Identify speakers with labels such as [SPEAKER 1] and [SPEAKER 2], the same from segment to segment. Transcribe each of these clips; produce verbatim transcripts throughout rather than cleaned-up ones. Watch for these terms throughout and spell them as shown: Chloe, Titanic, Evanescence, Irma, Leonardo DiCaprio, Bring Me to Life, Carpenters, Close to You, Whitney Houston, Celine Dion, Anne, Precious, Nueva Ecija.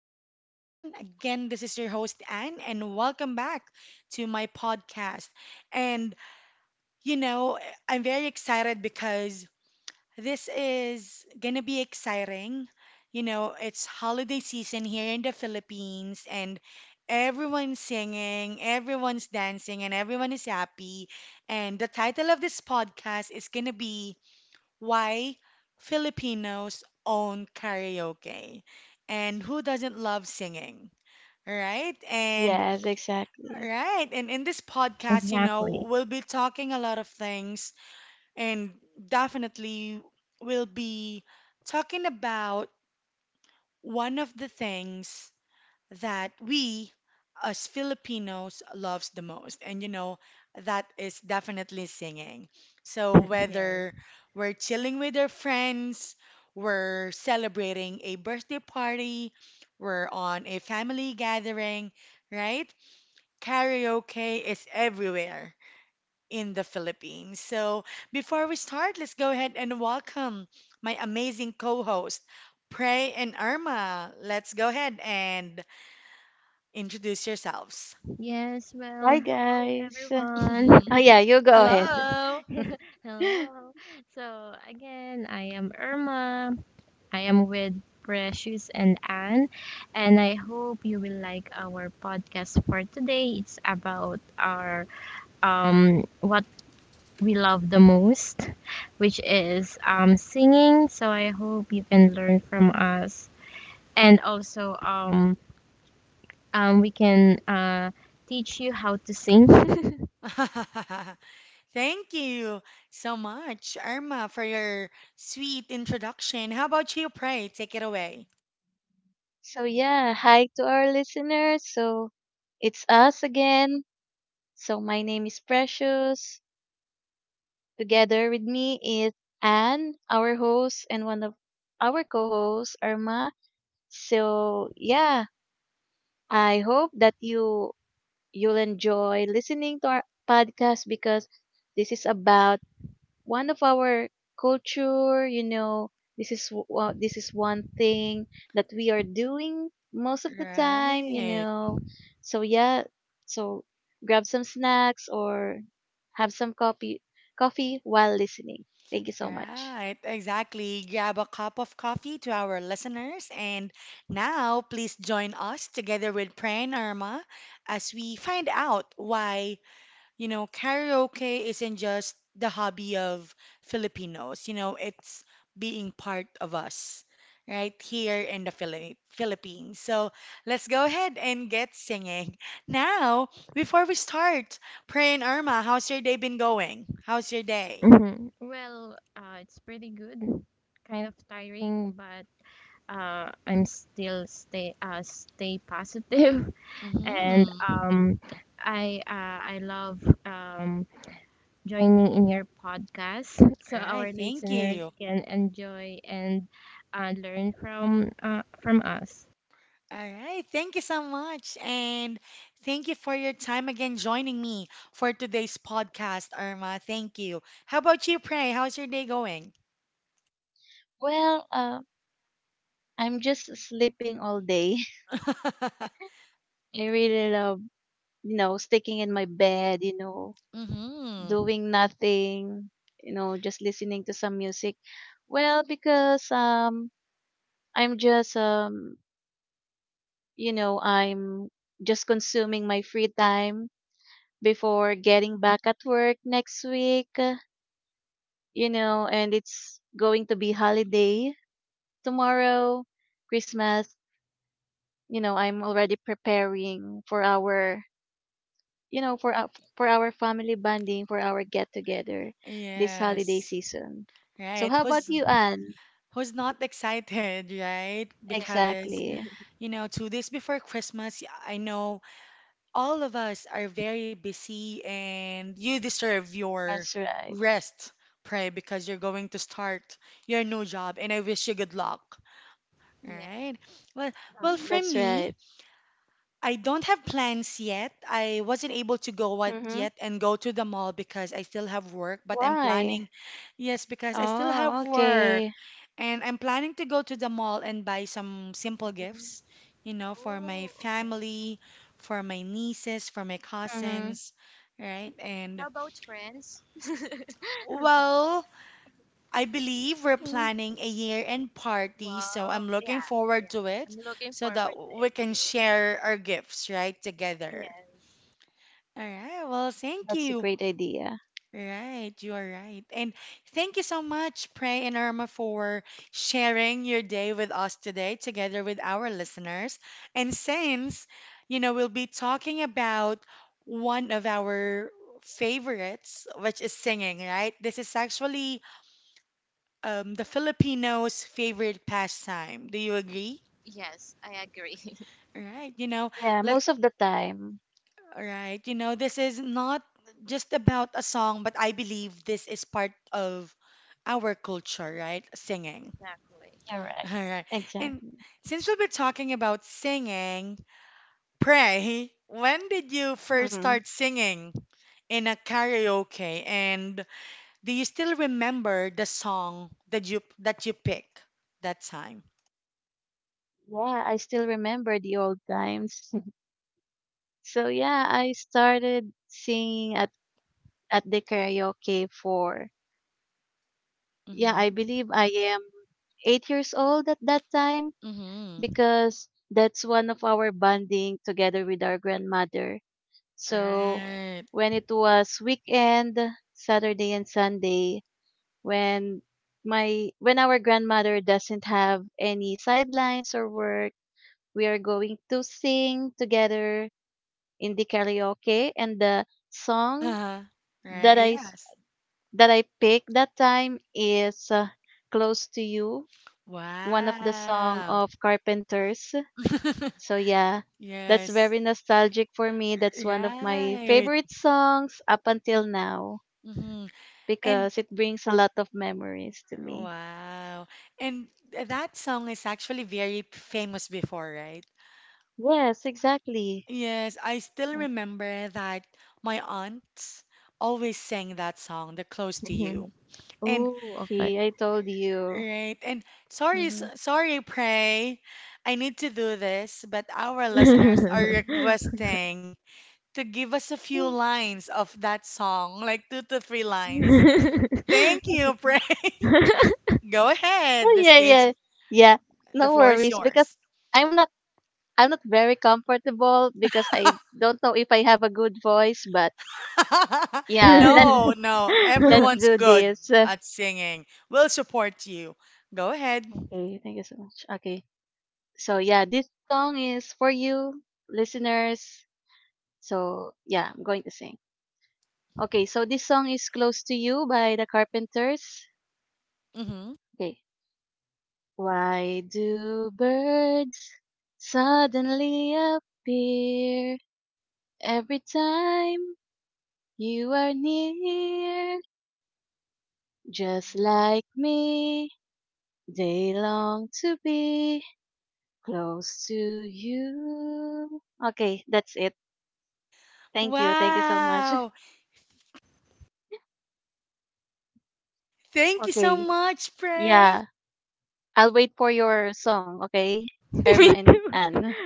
[SPEAKER 1] day, everyone. Again, this is your host, Anne, and welcome back to my podcast. And, you know, I'm very excited because this is gonna be exciting. You know, it's holiday season here in the Philippines, and everyone's singing, everyone's dancing, and everyone is happy. And the title of this podcast is gonna be why Filipinos own karaoke and who doesn't love singing, right? And
[SPEAKER 2] Yes, exactly.
[SPEAKER 1] right, and in this podcast, you
[SPEAKER 3] Exactly.
[SPEAKER 1] know, we'll be talking a lot of things and definitely we'll be talking about one of the things that we as Filipinos loves the most. And you know, that is definitely singing. So
[SPEAKER 3] Yes.
[SPEAKER 1] whether we're chilling with our friends, we're celebrating a birthday party, we're on a family gathering, right? Karaoke is everywhere in the Philippines. So before we start, let's go ahead and welcome my amazing co-host, Prey and Irma. Let's go ahead and introduce yourselves.
[SPEAKER 3] Yes.
[SPEAKER 2] Bye,
[SPEAKER 3] Well, hello
[SPEAKER 2] guys.
[SPEAKER 1] Mhm.
[SPEAKER 2] Oh, yeah,
[SPEAKER 3] everyone.
[SPEAKER 2] you go ahead.
[SPEAKER 3] Sorry.
[SPEAKER 1] Hello.
[SPEAKER 3] hello. So again, I am Irma. I am with Precious and Anne, and I hope you will like our podcast for today. It's about our um what we love the most, which is um singing. So I hope you can learn from us and also um Um, we can uh, teach you how to sing.
[SPEAKER 1] Thank you so much, Irma, for your sweet introduction. How about you, Pray? Take it away.
[SPEAKER 2] So, yeah, hi to our listeners. So, it's us again. So, my name is Precious. Together with me is Anne, our host, and one of our co hosts, Irma. So, yeah, I hope that you you'll enjoy listening to our podcast because this is about one of our culture, you know. This is w- uh, this is one thing that we are doing most of the time, you
[SPEAKER 1] Right,
[SPEAKER 2] know, so yeah, so grab some snacks or have some coffee coffee while listening. Thank you so much.
[SPEAKER 1] right, exactly. Grab a cup of coffee to our listeners. And now, please join us together with Pray and Irma as we find out why You know, karaoke isn't just the hobby of Filipinos, you know, it's being part of us right here in the Philip Philippines. So let's go ahead and get singing. Now, before we start, Pray and Irma, how's your day been going? How's your day?
[SPEAKER 3] Mhm. Well, uh, it's pretty good. Kind of tiring, but uh, I'm still stay uh, stay positive, and
[SPEAKER 1] Mm-hmm.
[SPEAKER 3] um, I uh, I love um, joining in your podcast so
[SPEAKER 1] All right,
[SPEAKER 3] our
[SPEAKER 1] thank
[SPEAKER 3] listeners
[SPEAKER 1] you.
[SPEAKER 3] can enjoy and uh, learn from uh, from us.
[SPEAKER 1] All right. Thank you so much. And thank you for your time again joining me for today's podcast, Irma. Thank you. How about you, Pray? How's your day going?
[SPEAKER 2] Well, uh, I'm just sleeping all day. I really love, you know, sticking in my bed, you know,
[SPEAKER 1] Mm-hmm.
[SPEAKER 2] doing nothing, you know, just listening to some music. Well, because um I'm just um you know, I'm just consuming my free time before getting back at work next week, uh, you know, and it's going to be holiday tomorrow, Christmas, you know. I'm already preparing for our, you know, for our, for our family bonding, for our get together this holiday
[SPEAKER 1] Yes.
[SPEAKER 2] season. So
[SPEAKER 1] Right.
[SPEAKER 2] how about
[SPEAKER 1] Who's
[SPEAKER 2] you, Anne?
[SPEAKER 1] who's not excited, right?
[SPEAKER 3] Yeah,
[SPEAKER 1] Because,
[SPEAKER 2] Exactly.
[SPEAKER 1] you know, two days before Christmas, I know all of us are very busy and you deserve your
[SPEAKER 2] That's right.
[SPEAKER 1] rest, Pray, because you're going to start your new job and I wish you good luck. All
[SPEAKER 3] yeah.
[SPEAKER 1] right. Well, well,
[SPEAKER 2] Mm,
[SPEAKER 1] for
[SPEAKER 2] that's right.
[SPEAKER 1] me, I don't have plans yet. I wasn't able to go out
[SPEAKER 2] Mhm.
[SPEAKER 1] yet and go to the mall because I still have work, but I'm
[SPEAKER 2] Why?
[SPEAKER 1] planning, yes, because I still have
[SPEAKER 2] Oh,
[SPEAKER 1] work.
[SPEAKER 2] okay.
[SPEAKER 1] And I'm planning to go to the mall and buy some simple gifts, you know, for my
[SPEAKER 3] Oh, okay.
[SPEAKER 1] family, for my nieces, for my
[SPEAKER 2] Mhm.
[SPEAKER 1] cousins, right? And
[SPEAKER 3] How about friends?
[SPEAKER 1] well, I believe we're
[SPEAKER 2] Mm.
[SPEAKER 1] planning a year-end party, so
[SPEAKER 3] Wow.
[SPEAKER 1] I'm looking
[SPEAKER 3] Yeah.
[SPEAKER 1] forward
[SPEAKER 3] Yeah.
[SPEAKER 1] to it
[SPEAKER 3] I'm looking
[SPEAKER 1] so that
[SPEAKER 3] forward to
[SPEAKER 1] we
[SPEAKER 3] it
[SPEAKER 1] can
[SPEAKER 3] too.
[SPEAKER 1] share our gifts, right, together.
[SPEAKER 3] Yes.
[SPEAKER 1] All right, well, thank
[SPEAKER 2] That's a
[SPEAKER 1] you.
[SPEAKER 2] great idea.
[SPEAKER 1] Right, you are right. And thank you so much, Pray and Irma, for sharing your day with us today, together with our listeners. And since, you know, we'll be talking about one of our favorites, which is singing, right? This is actually um, the Filipinos' favorite pastime. Do you agree?
[SPEAKER 3] Yes, I agree.
[SPEAKER 1] Right, you know,
[SPEAKER 2] Yeah,
[SPEAKER 1] let
[SPEAKER 2] most of the time.
[SPEAKER 1] right, you know, this is not just about a song, but I believe this is part of our culture, right? Singing.
[SPEAKER 3] Exactly.
[SPEAKER 2] You're
[SPEAKER 1] All
[SPEAKER 2] right.
[SPEAKER 1] right. And
[SPEAKER 2] Exactly.
[SPEAKER 1] since we'll be talking about singing, Pray, when did you first
[SPEAKER 2] Mhm.
[SPEAKER 1] start singing in a karaoke? And do you still remember the song that you that you pick that time?
[SPEAKER 2] Yeah, I still remember the old times. So yeah, I started singing at at the karaoke for, yeah, I
[SPEAKER 1] Mm-hmm.
[SPEAKER 2] believe I am eight years old at that time,
[SPEAKER 1] Mm-hmm.
[SPEAKER 2] because that's one of our bonding together with our grandmother. So
[SPEAKER 1] Right.
[SPEAKER 2] when it was weekend, Saturday and Sunday, when my when our grandmother doesn't have any sidelines or work, we are going to sing together in the karaoke. And the song that
[SPEAKER 1] Right.
[SPEAKER 2] i s-
[SPEAKER 1] Yes.
[SPEAKER 2] that I picked that time is uh, Close to You, one of the song
[SPEAKER 1] Wow.
[SPEAKER 2] of Carpenters. So yeah, that's
[SPEAKER 1] Yes.
[SPEAKER 2] very nostalgic for me. That's one of my
[SPEAKER 1] Right.
[SPEAKER 2] favorite songs up until now,
[SPEAKER 1] Hmm. And
[SPEAKER 2] because it brings a lot of memories to me.
[SPEAKER 1] wow. And that song is actually very p- famous before, right?
[SPEAKER 2] Yes, exactly.
[SPEAKER 1] Yes, I still remember that my aunts always sang that song, The Close to You. And
[SPEAKER 3] oh, okay.
[SPEAKER 2] See, I told you.
[SPEAKER 1] right, and sorry, s-
[SPEAKER 2] Mhm.
[SPEAKER 1] sorry, Pray. I need to do this, but our listeners are requesting to give us a few lines of that song, like two to three lines.
[SPEAKER 3] Me
[SPEAKER 1] Thank you, Pray. Go
[SPEAKER 2] Oh,
[SPEAKER 1] ahead. The
[SPEAKER 2] yeah,
[SPEAKER 1] stage,
[SPEAKER 2] yeah, yeah.
[SPEAKER 1] the
[SPEAKER 2] No
[SPEAKER 1] floor is
[SPEAKER 2] worries, because
[SPEAKER 1] yours.
[SPEAKER 2] I'm not I'm not very comfortable, because I don't know if I have a good voice, but yeah, let
[SPEAKER 1] No, no,
[SPEAKER 2] let's
[SPEAKER 1] everyone's
[SPEAKER 2] do
[SPEAKER 1] good
[SPEAKER 2] this. Uh,
[SPEAKER 1] at singing. We'll support you. Go ahead.
[SPEAKER 2] Okay, thank you so much. Okay, so yeah, this song is for you, listeners. So yeah, I'm going to sing. Okay, so this song is "Close to You" by the Carpenters.
[SPEAKER 1] Hmm.
[SPEAKER 2] Okay. Why do birds suddenly appear every time you are near? Just like me, they long to be close to you. Okay, that's it. Thank you. Thank you so much.
[SPEAKER 1] Wow. Thank you so
[SPEAKER 2] Okay.
[SPEAKER 1] much, Pray.
[SPEAKER 2] Yeah. I'll wait for your song, okay? Irma and
[SPEAKER 3] too.
[SPEAKER 2] Anne.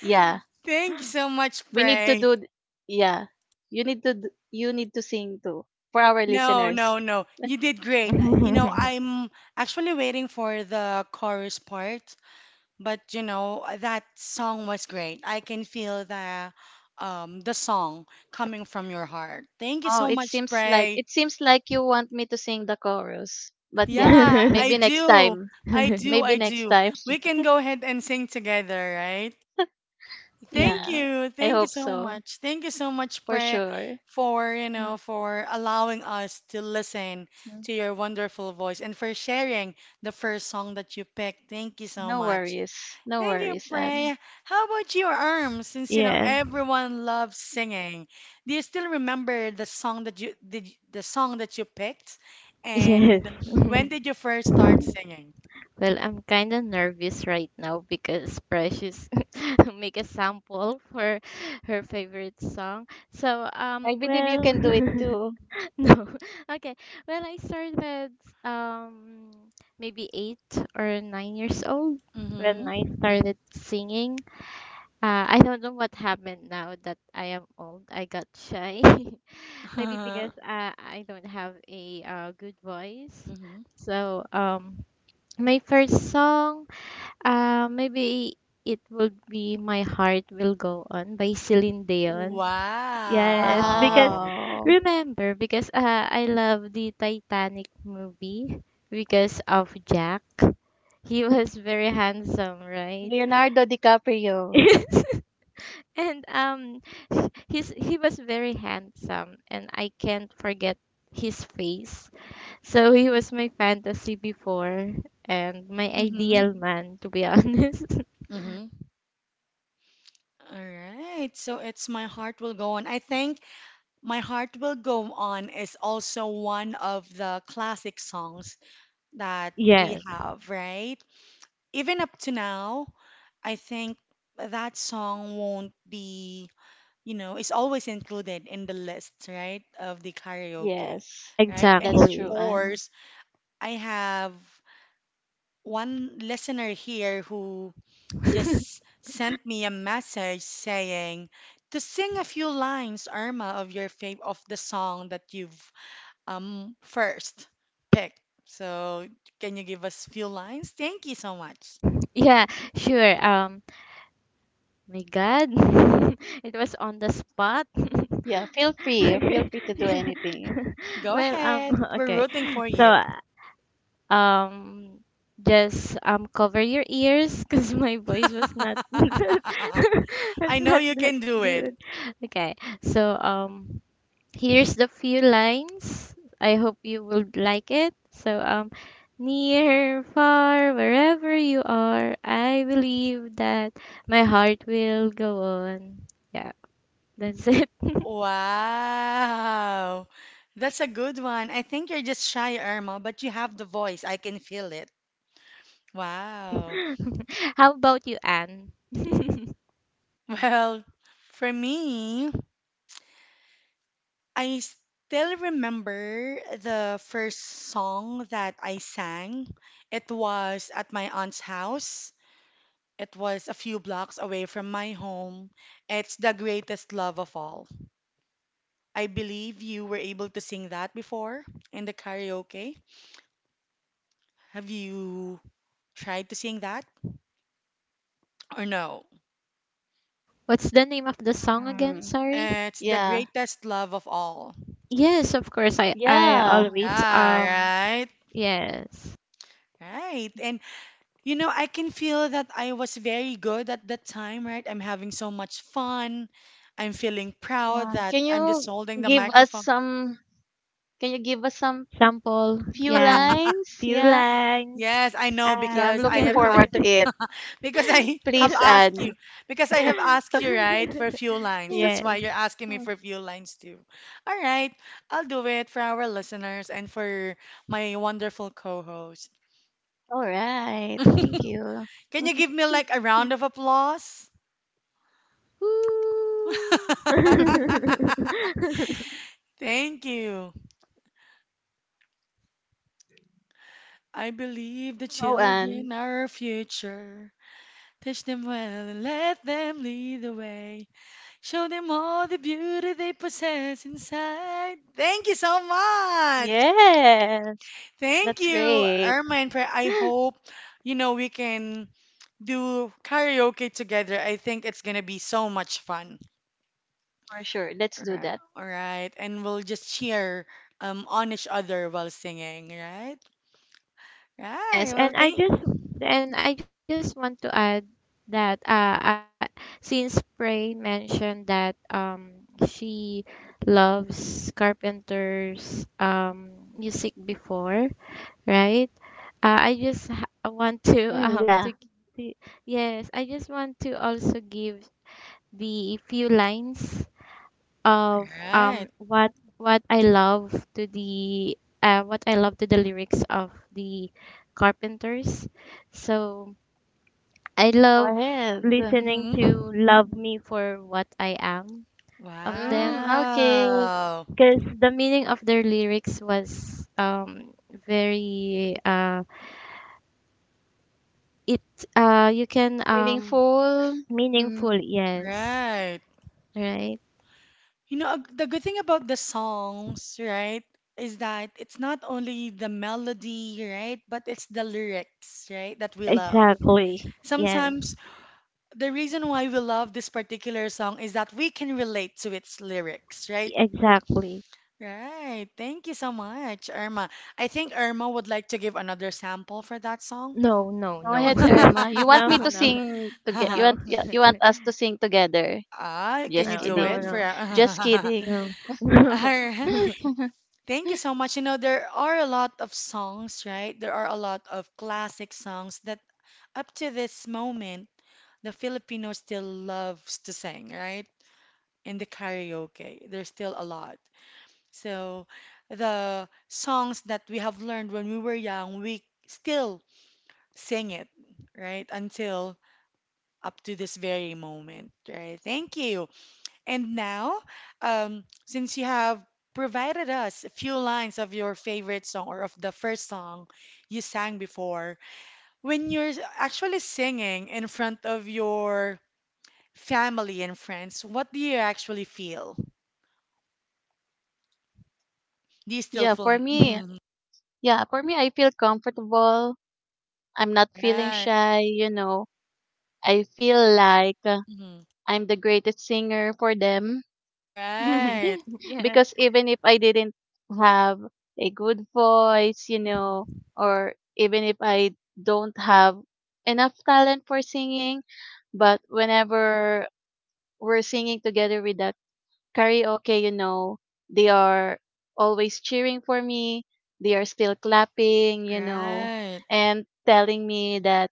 [SPEAKER 2] Yeah.
[SPEAKER 1] Thank you so much,
[SPEAKER 2] We need to
[SPEAKER 1] Pray.
[SPEAKER 2] do th- yeah. You need to d- you need to sing too for our
[SPEAKER 1] No,
[SPEAKER 2] listeners.
[SPEAKER 1] no, no. You did great. You know, I'm actually waiting for the chorus part. But you know, uh, that song was great. I can feel the um the song coming from your heart. Thank you
[SPEAKER 2] Oh,
[SPEAKER 1] so
[SPEAKER 2] it
[SPEAKER 1] much,
[SPEAKER 2] seems like
[SPEAKER 1] Pray.
[SPEAKER 2] it seems like you want me to sing the chorus. But yeah,
[SPEAKER 1] Yeah, I
[SPEAKER 2] maybe next
[SPEAKER 1] do.
[SPEAKER 2] time.
[SPEAKER 1] I do.
[SPEAKER 2] Maybe
[SPEAKER 1] I
[SPEAKER 2] next
[SPEAKER 1] do.
[SPEAKER 2] time.
[SPEAKER 1] We can go ahead and sing together, right? Thank
[SPEAKER 2] Yeah.
[SPEAKER 1] you.
[SPEAKER 2] I
[SPEAKER 1] Thank you
[SPEAKER 2] hope
[SPEAKER 1] so
[SPEAKER 2] so.
[SPEAKER 1] much. Thank you so much,
[SPEAKER 2] For
[SPEAKER 1] Pre,
[SPEAKER 2] sure.
[SPEAKER 1] for, you know, for allowing us to listen
[SPEAKER 2] Mhm.
[SPEAKER 1] to your wonderful voice and for sharing the first song that you picked. Thank you so
[SPEAKER 2] No
[SPEAKER 1] much.
[SPEAKER 2] worries. No
[SPEAKER 1] Thank you,
[SPEAKER 2] worries, Anne.
[SPEAKER 1] Prey. How about your arms? Since you know
[SPEAKER 3] yes.
[SPEAKER 1] everyone loves singing, do you still remember the song that you did the song that you picked?
[SPEAKER 3] Yes.
[SPEAKER 1] And when did you first start singing?
[SPEAKER 3] Well, I'm kind of nervous right now because Precious make a sample for her favorite song. So, um,
[SPEAKER 2] I believe you
[SPEAKER 3] well,
[SPEAKER 2] can do it too.
[SPEAKER 3] no, okay. Well, I started um maybe eight or nine years old when I
[SPEAKER 1] Mm-hmm.
[SPEAKER 3] started singing. Uh, I don't know what happened now that I am old. I got shy. Maybe because
[SPEAKER 1] Uh,
[SPEAKER 3] uh, I don't have a uh, good voice.
[SPEAKER 1] Mm-hmm.
[SPEAKER 3] So, um, my first song uh, maybe it would be My Heart Will Go On by Celine Dion. Yes, because
[SPEAKER 1] Wow.
[SPEAKER 2] Wow.
[SPEAKER 3] remember, because uh, I love the Titanic movie because of Jack. He was very handsome, right?
[SPEAKER 2] Leonardo DiCaprio.
[SPEAKER 3] Yes. and um, h- he's he was very handsome, and I can't forget his face. So he was my fantasy before, and my
[SPEAKER 1] Mm-hmm.
[SPEAKER 3] ideal man, to be honest.
[SPEAKER 1] Mm-hmm. All right. So it's My Heart Will Go On. I think My Heart Will Go On is also one of the classic songs that we
[SPEAKER 3] Yes.
[SPEAKER 1] have, right? Even up to now, I think that song won't be, you know, it's always included in the list, right, of the karaoke,
[SPEAKER 2] Yes.
[SPEAKER 1] right? And of
[SPEAKER 2] That's true,
[SPEAKER 3] Exactly.
[SPEAKER 2] Anne.
[SPEAKER 1] course, I have one listener here who just sent me a message saying to sing a few lines, Irma, of your fav of the song that you've um first picked. So, can you give us few lines? Thank you so much.
[SPEAKER 3] yeah, sure. Um, my God, it was on the spot.
[SPEAKER 2] Yeah, feel free. Feel
[SPEAKER 3] okay.
[SPEAKER 2] free to do anything.
[SPEAKER 1] Go
[SPEAKER 3] well,
[SPEAKER 1] ahead.
[SPEAKER 3] um,
[SPEAKER 1] We're
[SPEAKER 3] okay.
[SPEAKER 1] rooting for
[SPEAKER 3] So,
[SPEAKER 1] you.
[SPEAKER 3] um, just um cover your ears because my voice was not was
[SPEAKER 1] I know
[SPEAKER 3] not
[SPEAKER 1] you
[SPEAKER 3] that
[SPEAKER 1] can do it.
[SPEAKER 3] good. Okay. So, um. here's the few lines. I hope you would like it. So, um, near, far, wherever you are, I believe that my heart will go on. Yeah, that's it.
[SPEAKER 1] Wow. That's a good one. I think you're just shy, Irma, but you have the voice. I can feel it. Wow.
[SPEAKER 3] How about you, Anne?
[SPEAKER 1] Well, for me, I still remember the first song that I sang. It was at my aunt's house. It was a few blocks away from my home. It's The Greatest Love of All. I believe you were able to sing that before in the karaoke. Have you tried to sing that or no?
[SPEAKER 3] What's the name of the song again?
[SPEAKER 2] Hmm.
[SPEAKER 3] Sorry.
[SPEAKER 1] It's The
[SPEAKER 2] Yeah.
[SPEAKER 1] Greatest Love of All.
[SPEAKER 3] Yes, of course. I I
[SPEAKER 2] Yeah.
[SPEAKER 3] always
[SPEAKER 1] Yeah,
[SPEAKER 3] um
[SPEAKER 1] right.
[SPEAKER 3] yes,
[SPEAKER 1] Right. And you know, I can feel that I was very good at that time, right? I'm having so much fun. I'm feeling proud
[SPEAKER 2] Yeah.
[SPEAKER 1] that
[SPEAKER 2] Can
[SPEAKER 1] I'm just
[SPEAKER 2] you
[SPEAKER 1] holding the
[SPEAKER 2] give us
[SPEAKER 1] microphone.
[SPEAKER 2] some can you give us some
[SPEAKER 3] sample,
[SPEAKER 2] few
[SPEAKER 3] yeah,
[SPEAKER 2] lines?
[SPEAKER 3] few
[SPEAKER 2] Yeah.
[SPEAKER 3] lines,
[SPEAKER 1] Yes, I know
[SPEAKER 2] Yeah, I'm
[SPEAKER 1] because I
[SPEAKER 2] looking
[SPEAKER 1] have
[SPEAKER 3] and.
[SPEAKER 1] asked.
[SPEAKER 2] forward to it.
[SPEAKER 1] because I have
[SPEAKER 2] Please,
[SPEAKER 1] asked you
[SPEAKER 2] Anne.
[SPEAKER 1] because I have asked you right for few lines. That's
[SPEAKER 3] Yes.
[SPEAKER 1] why you're asking me
[SPEAKER 2] Mm,
[SPEAKER 1] for few lines too. All right, I'll do it for our listeners and for my wonderful co-host.
[SPEAKER 2] all right. Thank
[SPEAKER 1] Can
[SPEAKER 2] you.
[SPEAKER 1] you give me like a round of applause?
[SPEAKER 3] Woo!
[SPEAKER 1] Thank you. I believe the
[SPEAKER 2] Oh, Anne.
[SPEAKER 1] children are our future. Teach them well and let them lead the way. Show them all the beauty they possess inside. Thank you so much.
[SPEAKER 2] Yes.
[SPEAKER 1] Thank
[SPEAKER 2] That's
[SPEAKER 1] you,
[SPEAKER 2] great.
[SPEAKER 1] Irma and Prayer. I
[SPEAKER 2] For
[SPEAKER 1] hope, you know, we can do karaoke together. I think it's gonna be so much fun.
[SPEAKER 2] sure. Let's do
[SPEAKER 1] Alri-
[SPEAKER 2] that.
[SPEAKER 1] All right, and we'll just cheer um on each other while singing, right? Right. Well,
[SPEAKER 3] Yes, and
[SPEAKER 1] thank.
[SPEAKER 3] I just and I just want to add that uh, I, since Prey mentioned that um she loves Carpenter's um music before, right? Uh, I just ha- want to
[SPEAKER 2] Mm,
[SPEAKER 3] um
[SPEAKER 2] yeah.
[SPEAKER 3] to, to yes, I just want to also give the few lines of
[SPEAKER 1] Right.
[SPEAKER 3] um what what I love to the uh, what I love to the lyrics of the Carpenters. So I
[SPEAKER 2] Go
[SPEAKER 3] love
[SPEAKER 2] ahead.
[SPEAKER 3] listening to
[SPEAKER 1] Mm-hmm.
[SPEAKER 3] "Love Me for What I Am" of
[SPEAKER 2] Mm,
[SPEAKER 3] them
[SPEAKER 2] okay.
[SPEAKER 1] Wow.
[SPEAKER 3] because the meaning of their lyrics was um very uh it uh you can um
[SPEAKER 2] Meaningful. Mm.
[SPEAKER 3] meaningful, yes,
[SPEAKER 1] Right.
[SPEAKER 3] right,
[SPEAKER 1] You know, ag- the good thing about the songs, right, is that it's not only the melody, right, but it's the lyrics, right, that we love.
[SPEAKER 3] exactly, yes,
[SPEAKER 1] Sometimes the reason why we love this particular song is that we can relate to its lyrics, right?
[SPEAKER 3] exactly.
[SPEAKER 1] Right. Thank you so much, Irma. I think Irma would like to give another sample for that song.
[SPEAKER 3] No, no,
[SPEAKER 2] Go
[SPEAKER 3] no.
[SPEAKER 2] ahead, Irma. You want
[SPEAKER 3] No,
[SPEAKER 2] me to
[SPEAKER 3] no,
[SPEAKER 2] sing together? You
[SPEAKER 3] no.
[SPEAKER 2] want yeah, you want us to sing together?
[SPEAKER 1] Ah, can
[SPEAKER 2] Just
[SPEAKER 1] you
[SPEAKER 3] No,
[SPEAKER 1] do
[SPEAKER 3] no,
[SPEAKER 1] it
[SPEAKER 2] kidding.
[SPEAKER 1] for?
[SPEAKER 3] no.
[SPEAKER 2] Just
[SPEAKER 1] All
[SPEAKER 2] kidding.
[SPEAKER 3] No,
[SPEAKER 1] right. Thank you so much. You know, there are a lot of songs, right? There are a lot of classic songs that up to this moment, the Filipino still loves to sing, right? In the karaoke, there's still a lot. So the songs that we have learned when we were young, we still sing it, right? Until up to this very moment, right? Thank you. And now, um, since you have provided us a few lines of your favorite song or of the first song you sang before, when you're actually singing in front of your family and friends, what do you actually feel? Do you still
[SPEAKER 2] yeah,
[SPEAKER 1] feel?
[SPEAKER 2] for me,
[SPEAKER 1] Mhm.
[SPEAKER 2] yeah, for me, I feel comfortable. I'm not feeling
[SPEAKER 1] Right.
[SPEAKER 2] shy. You know, I feel like uh,
[SPEAKER 1] Mhm.
[SPEAKER 2] I'm the greatest singer for them.
[SPEAKER 3] no.
[SPEAKER 1] Right.
[SPEAKER 3] Yeah,
[SPEAKER 2] Because even if I didn't have a good voice, you know,
[SPEAKER 1] Mhm.
[SPEAKER 2] or even if I don't have enough talent for singing, but whenever were singing together with that karaoke, you know, they are always cheering for me. They are still clapping, you know,
[SPEAKER 1] Right.
[SPEAKER 2] and telling me that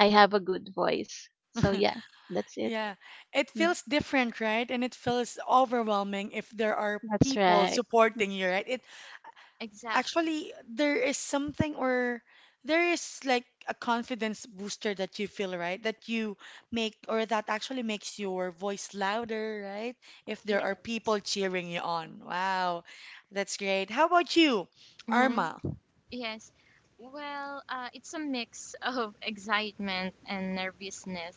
[SPEAKER 2] I have a good voice. So yeah, that's it.
[SPEAKER 1] Yeah. It
[SPEAKER 2] Mm,
[SPEAKER 1] feels different, right? And it feels overwhelming if there are
[SPEAKER 2] that's
[SPEAKER 1] people
[SPEAKER 2] right.
[SPEAKER 1] supporting you, right? It
[SPEAKER 3] exactly.
[SPEAKER 1] Actually, there is something or there is like a confidence booster that you feel, right? That you make or that actually makes your voice louder, right? If there
[SPEAKER 3] Yeah.
[SPEAKER 1] are people cheering you on. Wow, that's great. How about you,
[SPEAKER 3] Hmm.
[SPEAKER 1] Arma?
[SPEAKER 3] Yes. Well, uh, it's a mix of excitement and nervousness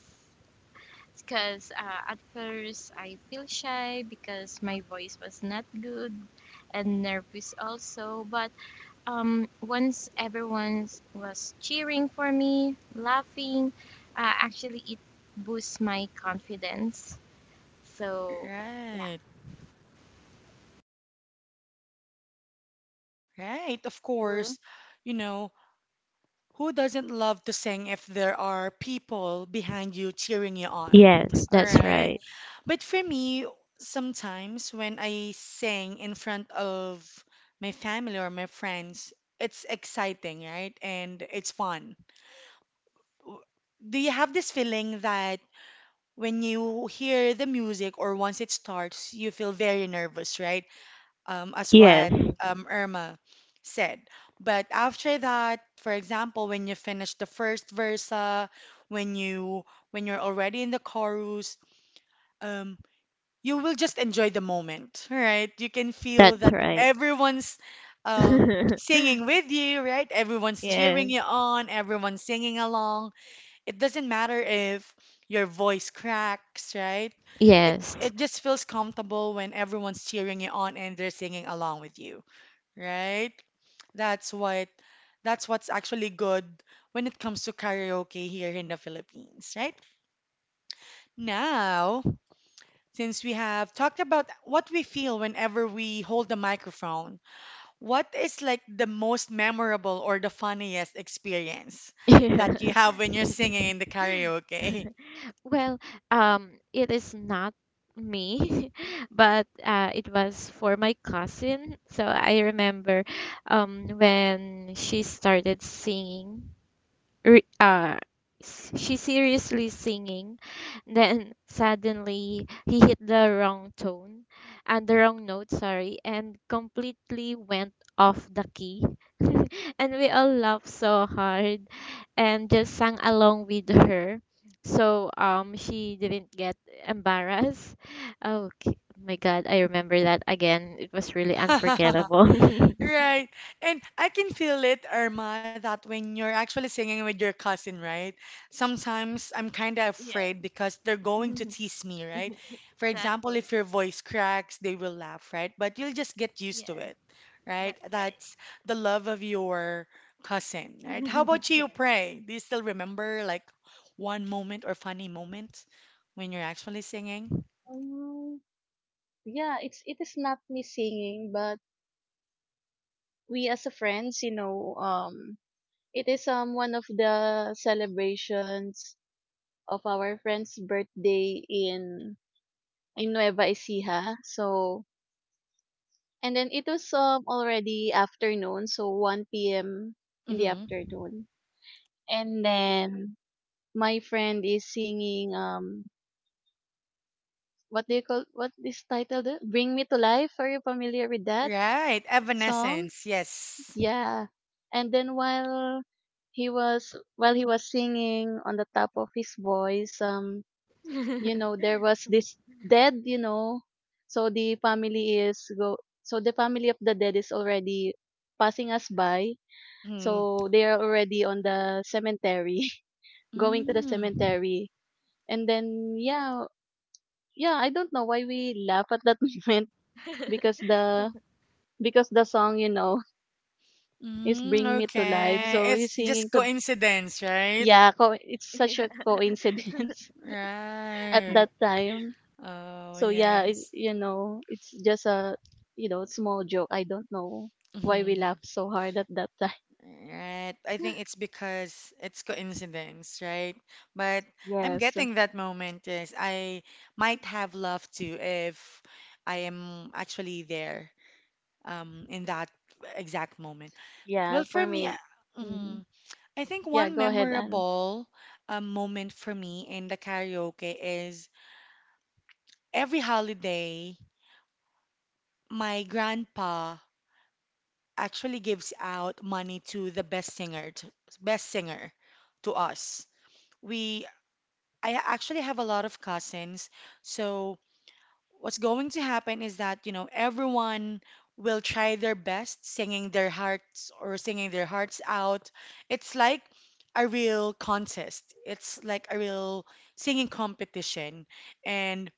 [SPEAKER 3] because uh, at first I feel shy because my voice was not good and nervous also. But um, once everyone was cheering for me, laughing, uh, actually it boosts my confidence. So yeah.
[SPEAKER 1] Right, right. Of
[SPEAKER 2] Mm-hmm.
[SPEAKER 1] course, you know, who doesn't love to sing if there are people behind you cheering you on?
[SPEAKER 3] Yes,
[SPEAKER 1] All
[SPEAKER 3] that's
[SPEAKER 1] right.
[SPEAKER 3] right.
[SPEAKER 1] But for me, sometimes when I sing in front of my family or my friends, it's exciting, right? And it's fun. W- Do you have this feeling that when you hear the music or once it starts, you feel very nervous, right? Um, as
[SPEAKER 3] Yes,
[SPEAKER 1] what um, Irma said. But after that, for example, when you finish the first versa, when you when you're already in the chorus, um, you will just enjoy the moment, right? You can feel
[SPEAKER 3] that's
[SPEAKER 1] that
[SPEAKER 3] right.
[SPEAKER 1] everyone's um, singing with you, right? Everyone's cheering
[SPEAKER 3] Yes.
[SPEAKER 1] you on, everyone's singing along. It doesn't matter if your voice cracks, right? It
[SPEAKER 3] Yes.
[SPEAKER 1] it just feels comfortable when everyone's cheering you on and they're singing along with you, right? That's what that's what's actually good when it comes to karaoke here in the Philippines, right? Now, since we have talked about what we feel whenever we hold the microphone, what is like the most memorable or the funniest experience that
[SPEAKER 3] Yeah.
[SPEAKER 1] you have when you're singing in the karaoke?
[SPEAKER 3] Well, um, it is not me, but uh, it was for my cousin. So I remember um, when she started singing re- uh, s- she's seriously singing. Then suddenly he hit the wrong tone and the wrong note, sorry, and completely went off the key. And we all laughed so hard and just sang along with her. So um she didn't get embarrassed. Okay. My God, I remember that again. It was really unforgettable.
[SPEAKER 1] Right. And I can feel it, Irma, that when you're actually singing with your cousin, right? Sometimes I'm kind of
[SPEAKER 3] Yeah,
[SPEAKER 1] afraid because they're going to tease me, right? For example,
[SPEAKER 3] exactly.
[SPEAKER 1] if your voice cracks, they will laugh, right? But you'll just get
[SPEAKER 3] Yeah,
[SPEAKER 1] used to it, right?
[SPEAKER 3] that's
[SPEAKER 1] That's the love of your cousin, right? How
[SPEAKER 3] right.
[SPEAKER 1] about
[SPEAKER 3] Yeah.
[SPEAKER 1] you, Pray? Do you still remember like one moment or funny moment when you're actually singing?
[SPEAKER 2] Um, yeah, it's it is not me singing, but we as a friends, you know, um, it is um one of the celebrations of our friend's birthday in in Nueva Ecija. So, and then it was um already afternoon, so one p m in the
[SPEAKER 1] Mm-hmm.
[SPEAKER 2] afternoon. And then my friend is singing um what do you call, what is titled uh, Bring Me to Life. Are you familiar with that
[SPEAKER 1] Right.
[SPEAKER 2] song?
[SPEAKER 1] Evanescence. Yes.
[SPEAKER 3] Yes.
[SPEAKER 2] Yeah. And then while he was while he was singing on the top of his voice, um,
[SPEAKER 3] Yes.
[SPEAKER 2] you know, there was this dead, you know. So the family is go so the family of the dead is already passing us by. So they are already on the cemetery, going to the
[SPEAKER 1] Mm-hmm.
[SPEAKER 2] cemetery. And then yeah, yeah, I don't know why we laugh at that moment, because the because the song, you know, is
[SPEAKER 1] Mm,
[SPEAKER 2] Bring Me to Life.
[SPEAKER 1] okay.
[SPEAKER 2] So he's
[SPEAKER 1] It's
[SPEAKER 2] singing
[SPEAKER 1] just
[SPEAKER 2] to,
[SPEAKER 1] coincidence, right?
[SPEAKER 2] yeah, co- it's such
[SPEAKER 3] Yeah.
[SPEAKER 2] a coincidence at
[SPEAKER 1] Right.
[SPEAKER 2] that time.
[SPEAKER 1] Oh,
[SPEAKER 2] So yeah, it,
[SPEAKER 1] yes.
[SPEAKER 2] you know, it's just a, you know, small joke. I don't know why we
[SPEAKER 1] Mhm.
[SPEAKER 2] laughed so hard at that time.
[SPEAKER 1] Right. I think it's because it's coincidence, right? But I'm
[SPEAKER 2] Yes.
[SPEAKER 1] getting that moment, yes. I might have loved to if I am actually there um in that exact moment.
[SPEAKER 2] Yeah,
[SPEAKER 1] Well, for
[SPEAKER 2] for
[SPEAKER 1] me,
[SPEAKER 2] me. Mhm.
[SPEAKER 1] mhm, I think
[SPEAKER 2] Yeah,
[SPEAKER 1] one
[SPEAKER 2] go ahead, Anne.
[SPEAKER 1] memorable um, moment for me in the karaoke is every holiday. My grandpa actually gives out money to the best singer, to, best singer to us. We, I actually have a lot of cousins, so what's going to happen is that, you know, everyone will try their best singing their hearts or singing their hearts out. It's like a real contest. It's like a real singing competition. And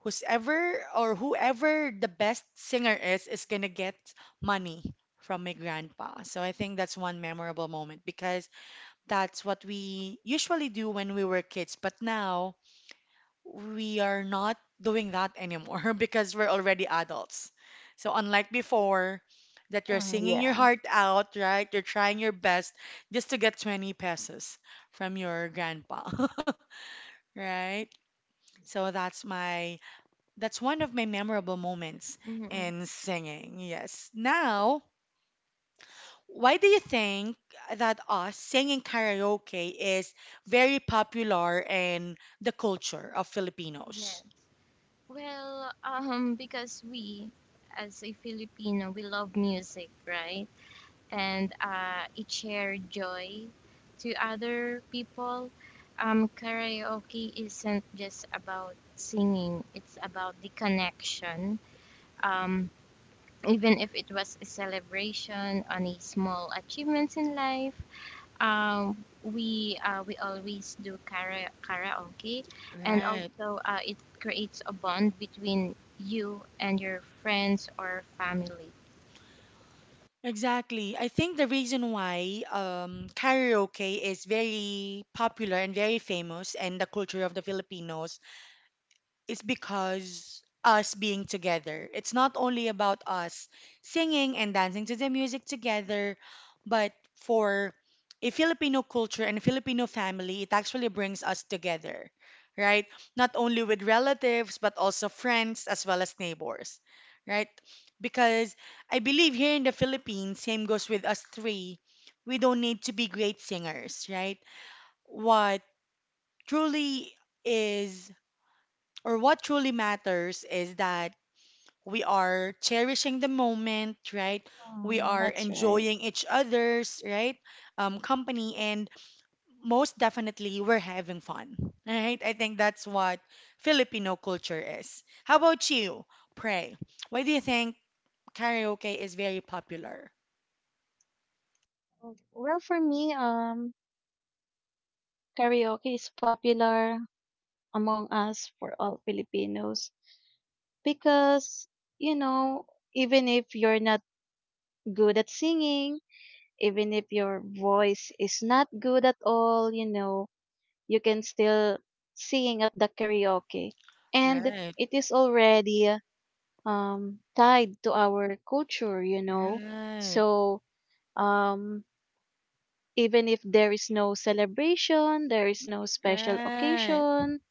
[SPEAKER 1] whosoever or whoever the best singer is is gonna get money from my grandpa. So I think that's one memorable moment because that's what we usually do when we were kids, but now we are not doing that anymore because we're already adults. So unlike before, that you're
[SPEAKER 2] Mm,
[SPEAKER 1] singing your
[SPEAKER 2] yeah.
[SPEAKER 1] heart out, right? You're trying your best just to get twenty pesos from your grandpa, right? So that's my that's one of my memorable moments
[SPEAKER 3] Mhm.
[SPEAKER 1] in singing. Yes. Now, why do you think that us singing karaoke is very popular in the culture of
[SPEAKER 3] Yeah.
[SPEAKER 1] Filipinos?
[SPEAKER 3] Well, um, because we, as a Filipino, we love music, right? And uh, it share joy to other people. Um, karaoke isn't just about singing; it's about the connection. Um, even if it was a celebration on a small achievements in life, Um, we uh, we always do kara- karaoke, and
[SPEAKER 1] Right.
[SPEAKER 3] also uh, it creates a bond between you and your friends or family.
[SPEAKER 1] Exactly. I think the reason why um, karaoke is very popular and very famous in the culture of the Filipinos, it's because us being together. It's not only about us singing and dancing to the music together, but for a Filipino culture and a Filipino family, it actually brings us together, right? Not only with relatives, but also friends as well as neighbors, right? Because I believe here in the Philippines, same goes with us three, we don't need to be great singers, right? What truly is or what truly matters is that we are cherishing the moment, right? We
[SPEAKER 2] Um,
[SPEAKER 1] are
[SPEAKER 2] that's right.
[SPEAKER 1] enjoying each other's, right? Um, company, and most definitely, we're having fun, right? I think that's what Filipino culture is. How about you, Pray? Why do you think karaoke is very popular?
[SPEAKER 2] Mm, well, for me, um, karaoke is popular among us for all Filipinos because, you know, even if you're not good at singing, even if your voice is not good at all, you know, you can still sing at the karaoke. And
[SPEAKER 1] Right,
[SPEAKER 2] it is already um, tied to our culture, you know.
[SPEAKER 1] right,
[SPEAKER 2] So, um, even if there is no celebration, there is no special
[SPEAKER 1] right,
[SPEAKER 2] occasion,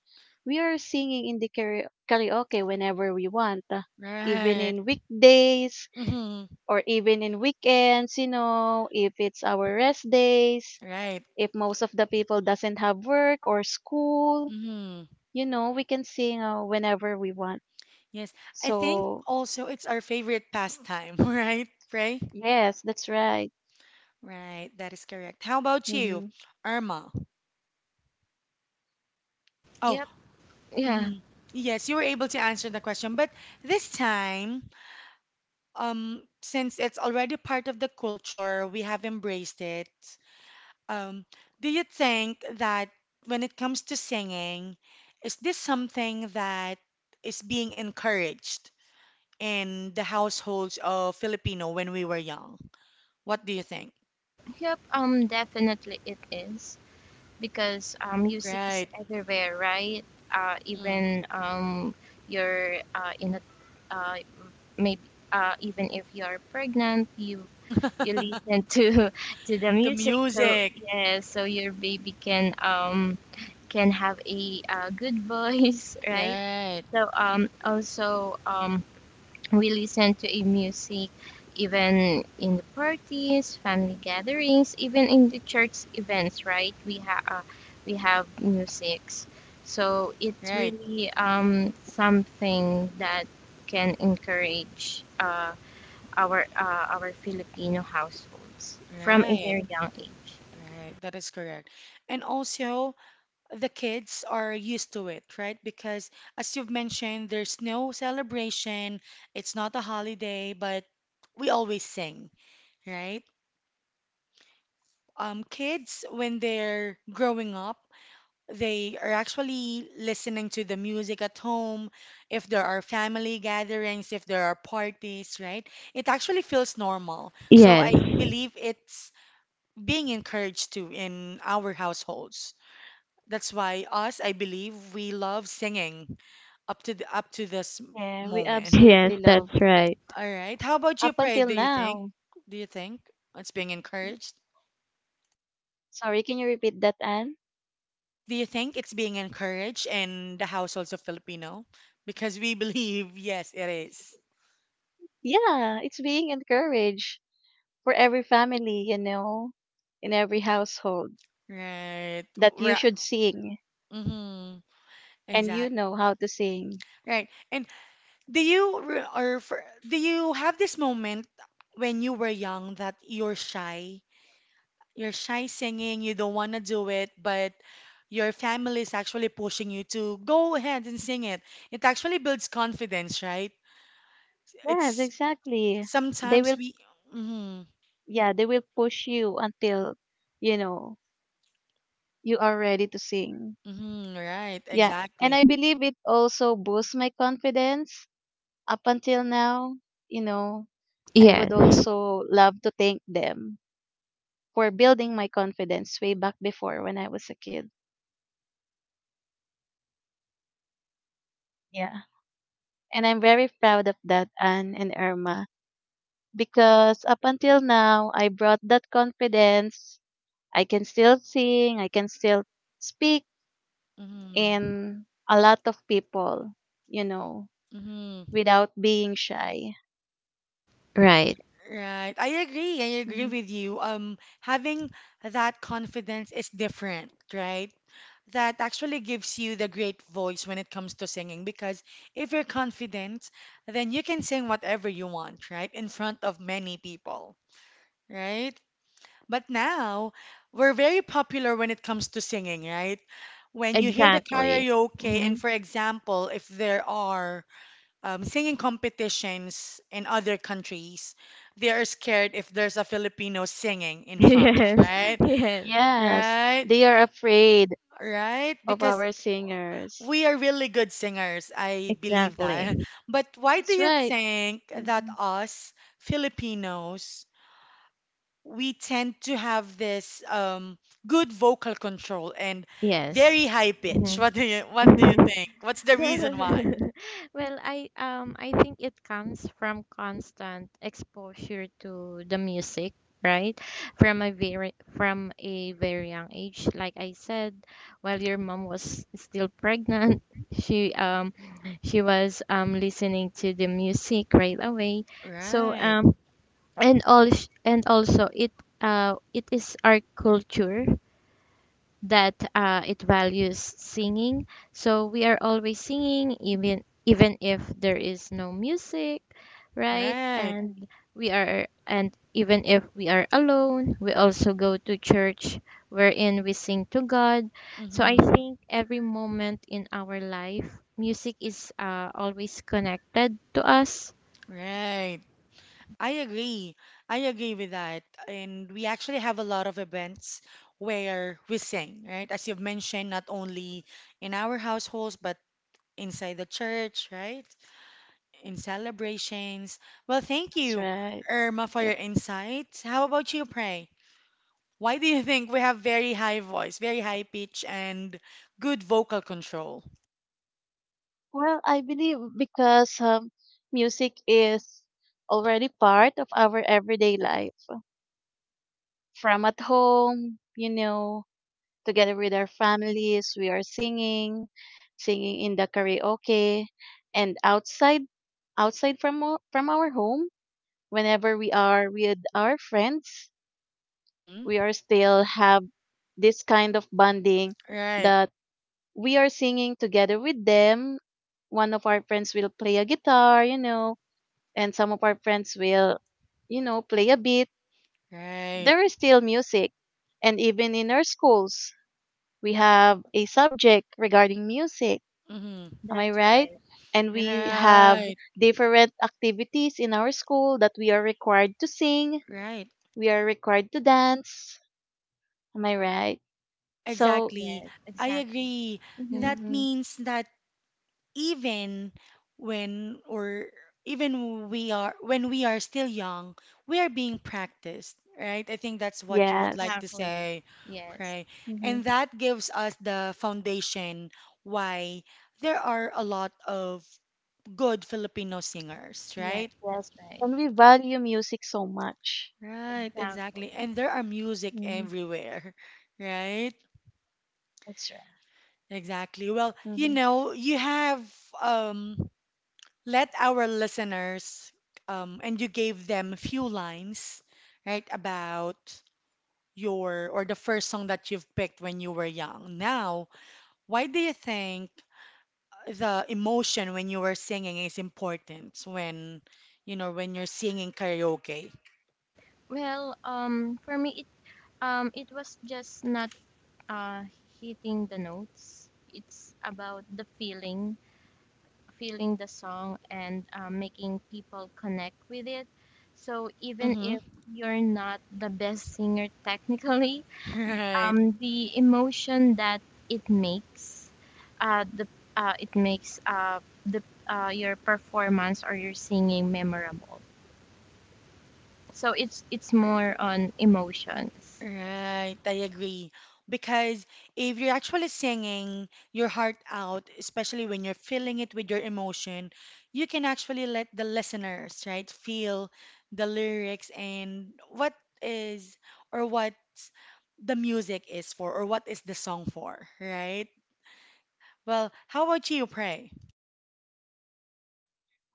[SPEAKER 2] we are singing in the kara- karaoke whenever we want, uh, even
[SPEAKER 1] right.
[SPEAKER 2] in weekdays
[SPEAKER 1] Mm-hmm,
[SPEAKER 2] or even in weekends, you know, if it's our rest days,
[SPEAKER 1] right.
[SPEAKER 2] if most of the people doesn't have work or school,
[SPEAKER 1] Mm-hmm.
[SPEAKER 2] you know, we can sing uh, whenever we want.
[SPEAKER 1] Yes, I think
[SPEAKER 2] So,
[SPEAKER 1] also it's our favorite pastime, right, Ray?
[SPEAKER 2] yes, that's right.
[SPEAKER 1] Right, that is correct. How about you,
[SPEAKER 2] Hmm.
[SPEAKER 1] Irma? Oh,
[SPEAKER 3] Yep, yeah,
[SPEAKER 1] mhm. Yes, you were able to answer the question, but this time, um, since it's already part of the culture, we have embraced it. Um, do you think that when it comes to singing, is this something that is being encouraged in the households of Filipino when we were young? What do you think?
[SPEAKER 3] yep. Um, definitely it is, because uh, music is
[SPEAKER 1] Right.
[SPEAKER 3] everywhere, right? Uh,
[SPEAKER 1] Mm.
[SPEAKER 3] even um, you're uh, in a uh, maybe uh, even if you're pregnant, you you listen to to the
[SPEAKER 1] The
[SPEAKER 3] music. So
[SPEAKER 1] music.
[SPEAKER 3] yeah, so your baby can um can have a, uh good voice, right?
[SPEAKER 1] Right.
[SPEAKER 3] So um also um we listen to a music even in the parties, family gatherings, even in the church events, right? We have uh, we have musics. So it's
[SPEAKER 1] Right.
[SPEAKER 3] really um, something that can encourage uh, our uh, our Filipino households from a
[SPEAKER 1] Right.
[SPEAKER 3] very young age.
[SPEAKER 1] Right. That is correct. And also, the kids are used to it, right? Because as you've mentioned, there's no celebration. It's not a holiday, but we always sing, right? Um, kids, when they're growing up, they are actually listening to the music at home, if there are family gatherings, if there are parties, right? It actually feels normal. So
[SPEAKER 3] Yes.
[SPEAKER 1] I believe it's being encouraged to in our households. That's why us, I believe, we love singing up to the, up to this
[SPEAKER 2] Yeah, we
[SPEAKER 1] moment.
[SPEAKER 3] Yes,
[SPEAKER 2] absolutely
[SPEAKER 3] that's
[SPEAKER 2] love.
[SPEAKER 3] right.
[SPEAKER 1] All right. How about you,
[SPEAKER 2] Up
[SPEAKER 1] Pray?
[SPEAKER 2] until
[SPEAKER 1] Do you think?
[SPEAKER 2] now.
[SPEAKER 1] Do you think it's being encouraged?
[SPEAKER 2] Sorry, can you repeat that, Anne?
[SPEAKER 1] Yes, do you think it's being encouraged in the households of Filipino? Because we believe, yes, it is.
[SPEAKER 2] Yeah, it's being encouraged for every family, you know, in every household,
[SPEAKER 1] Right.
[SPEAKER 2] that you
[SPEAKER 1] Right.
[SPEAKER 2] should sing
[SPEAKER 1] Mm-hmm.
[SPEAKER 2] and you
[SPEAKER 1] Exact.
[SPEAKER 2] know how to sing.
[SPEAKER 1] Right. And do you re- or for, do you have this moment when you were young that you're shy? You're shy singing, you don't want to do it, but your family is actually pushing you to go ahead and sing it. It actually builds confidence, right?
[SPEAKER 2] Yes,
[SPEAKER 1] It's
[SPEAKER 2] exactly. They
[SPEAKER 1] sometimes
[SPEAKER 2] will,
[SPEAKER 1] we. Mhm.
[SPEAKER 2] yeah, they will push you until, you know, you are ready to sing.
[SPEAKER 1] Mm-hmm, right,
[SPEAKER 2] Yeah. And
[SPEAKER 1] exactly.
[SPEAKER 2] I believe it also boosts my confidence up until now. You know, I would
[SPEAKER 3] Yes.
[SPEAKER 2] also love to thank them for building my confidence way back before when I was a kid. Yeah. And I'm very proud of that, Anne and Irma, because up until now, I brought that confidence. I can still sing, I can still speak
[SPEAKER 1] Mm-hmm,
[SPEAKER 2] in a lot of people, you know,
[SPEAKER 1] mm-hmm,
[SPEAKER 2] without being shy.
[SPEAKER 3] Right.
[SPEAKER 1] right. I agree. I agree
[SPEAKER 2] Mhm.
[SPEAKER 1] with you. Um, having that confidence is different, right? That actually gives you the great voice when it comes to singing because if you're confident, then you can sing whatever you want, right? In front of many people, right? But now we're very popular when it comes to singing, right? When you hear the
[SPEAKER 3] Exactly.
[SPEAKER 1] karaoke,
[SPEAKER 3] Mm-hmm.
[SPEAKER 1] and for example, if there are um, singing competitions in other countries, they are scared if there's a Filipino singing in front,
[SPEAKER 3] Yes.
[SPEAKER 1] right?
[SPEAKER 3] Yes.
[SPEAKER 2] Yes,
[SPEAKER 1] Right?
[SPEAKER 2] they are afraid
[SPEAKER 1] Right?
[SPEAKER 2] of
[SPEAKER 1] Because
[SPEAKER 2] our singers.
[SPEAKER 1] we are really good singers. I believe
[SPEAKER 3] Exactly.
[SPEAKER 1] that. But why do
[SPEAKER 2] That's
[SPEAKER 1] you
[SPEAKER 2] right.
[SPEAKER 1] think that
[SPEAKER 2] Mhm.
[SPEAKER 1] us Filipinos, we tend to have this um, good vocal control and
[SPEAKER 3] Yes.
[SPEAKER 1] very high pitch?
[SPEAKER 3] Hmm.
[SPEAKER 1] What do you what do you think? What's the
[SPEAKER 3] Well.
[SPEAKER 1] reason why?
[SPEAKER 3] Well, I um I think it comes from constant exposure to the music, right? From a very from a very young age, like I said, while your mom was still pregnant, she um she was um listening to the music right away. So
[SPEAKER 1] Right.
[SPEAKER 3] um and all and also it uh it is our culture that uh, it values singing. So we are always singing, even even if there is no music, right?
[SPEAKER 1] Right.
[SPEAKER 3] And we are, and even if we are alone, we also go to church wherein we sing to God. So I
[SPEAKER 1] Mm-hmm.
[SPEAKER 3] think every moment in our life, music is uh, always connected to us.
[SPEAKER 1] Right. I agree. I agree with that. And we actually have a lot of events where we sing, right? As you've mentioned, not only in our households, but inside the church, right? In celebrations. Well, thank
[SPEAKER 2] That's
[SPEAKER 1] you,
[SPEAKER 2] right.
[SPEAKER 1] Irma, for your
[SPEAKER 2] Yep.
[SPEAKER 1] insights. How about you, Pray? Why do you think we have very high voice, very high pitch, and good vocal control?
[SPEAKER 2] Well, I believe because um, music is already part of our everyday life. From at home, you know, together with our families. We are singing, singing in the karaoke, and outside, outside from o- from our home. Whenever we are with our friends,
[SPEAKER 1] Mm-hmm.
[SPEAKER 2] we are still have this kind of bonding
[SPEAKER 1] Right.
[SPEAKER 2] that we are singing together with them. One of our friends will play a guitar, you know, and some of our friends will, you know, play a beat.
[SPEAKER 1] Right.
[SPEAKER 2] There is still music, and even in our schools we have a subject regarding music.
[SPEAKER 1] Mm-hmm.
[SPEAKER 2] Am I
[SPEAKER 3] That's
[SPEAKER 2] right?
[SPEAKER 3] right.
[SPEAKER 2] And we have
[SPEAKER 1] Right.
[SPEAKER 2] different activities in our school that we are required to sing,
[SPEAKER 1] Right.
[SPEAKER 2] we are required to dance. Am I right? So,
[SPEAKER 1] Exactly.
[SPEAKER 3] Yes,
[SPEAKER 1] I
[SPEAKER 3] exactly.
[SPEAKER 1] agree.
[SPEAKER 3] Hmm.
[SPEAKER 1] That
[SPEAKER 2] mhm,
[SPEAKER 1] means that even when or even we are when we are still young, we are being practiced, right? I think that's what you would
[SPEAKER 2] yes.
[SPEAKER 1] like to
[SPEAKER 3] Exactly.
[SPEAKER 1] say,
[SPEAKER 3] Yes.
[SPEAKER 1] pray.
[SPEAKER 2] Hmm.
[SPEAKER 1] And that gives us the foundation why there are a lot of good Filipino singers,
[SPEAKER 3] Yes,
[SPEAKER 1] right?
[SPEAKER 2] Yes.
[SPEAKER 3] that's right.
[SPEAKER 2] And we value music so much.
[SPEAKER 1] Right, exactly.
[SPEAKER 3] Exactly.
[SPEAKER 1] And there are music
[SPEAKER 2] Hmm.
[SPEAKER 1] everywhere, right?
[SPEAKER 3] Yes.
[SPEAKER 2] That's right.
[SPEAKER 1] Exactly. Well, you
[SPEAKER 2] Hmm.
[SPEAKER 1] know, you have um, let our listeners, um, and you gave them a few lines, right, about your or the first song that you've picked when you were young. Now, why do you think the emotion when you were singing is important when, you know, when you're singing karaoke?
[SPEAKER 3] Hmm. Well, um, for me, it um, it was just not uh hitting the notes. It's about the feeling, feeling the song, and uh, making people connect with it. So even
[SPEAKER 1] Mm-hmm.
[SPEAKER 3] if you're not the best singer technically,
[SPEAKER 1] Right.
[SPEAKER 3] um, the emotion that it makes, uh, the uh, it makes uh the uh your performance or your singing memorable. So it's it's more on emotions.
[SPEAKER 1] Right, I agree. Because if you're actually singing your heart out, especially when you're feeling it with your emotion, you can actually let the listeners, right, feel the lyrics and what is or what the music is for or what is the song for, right? Well, how about you, pray?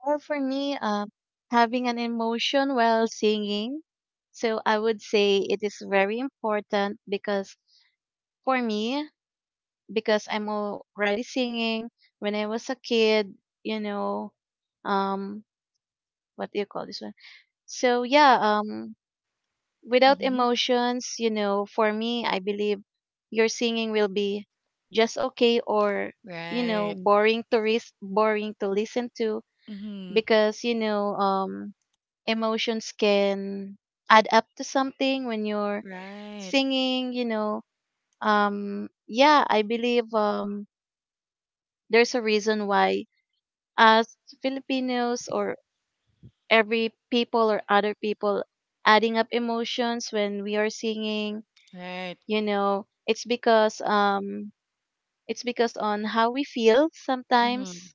[SPEAKER 2] Well, for me, um, having an emotion while singing. So I would say it is very important because for me, because I'm already singing when I was a kid, you know, um, what do you call this one? So yeah, um, without
[SPEAKER 1] Mm-hmm.
[SPEAKER 2] emotions, you know, for me, I believe your singing will be just okay, or, you know,
[SPEAKER 1] Right.
[SPEAKER 2] boring to ris- boring to listen to,
[SPEAKER 1] Mm-hmm.
[SPEAKER 2] because, you know, um, emotions can add up to something when you're
[SPEAKER 1] Right.
[SPEAKER 2] singing, you know. um, yeah, I believe, um, there's a reason why as Filipinos or every people or other people adding up emotions when we are singing,
[SPEAKER 1] Right.
[SPEAKER 2] you know, it's because um it's because on how we feel
[SPEAKER 1] Mm-hmm.
[SPEAKER 2] sometimes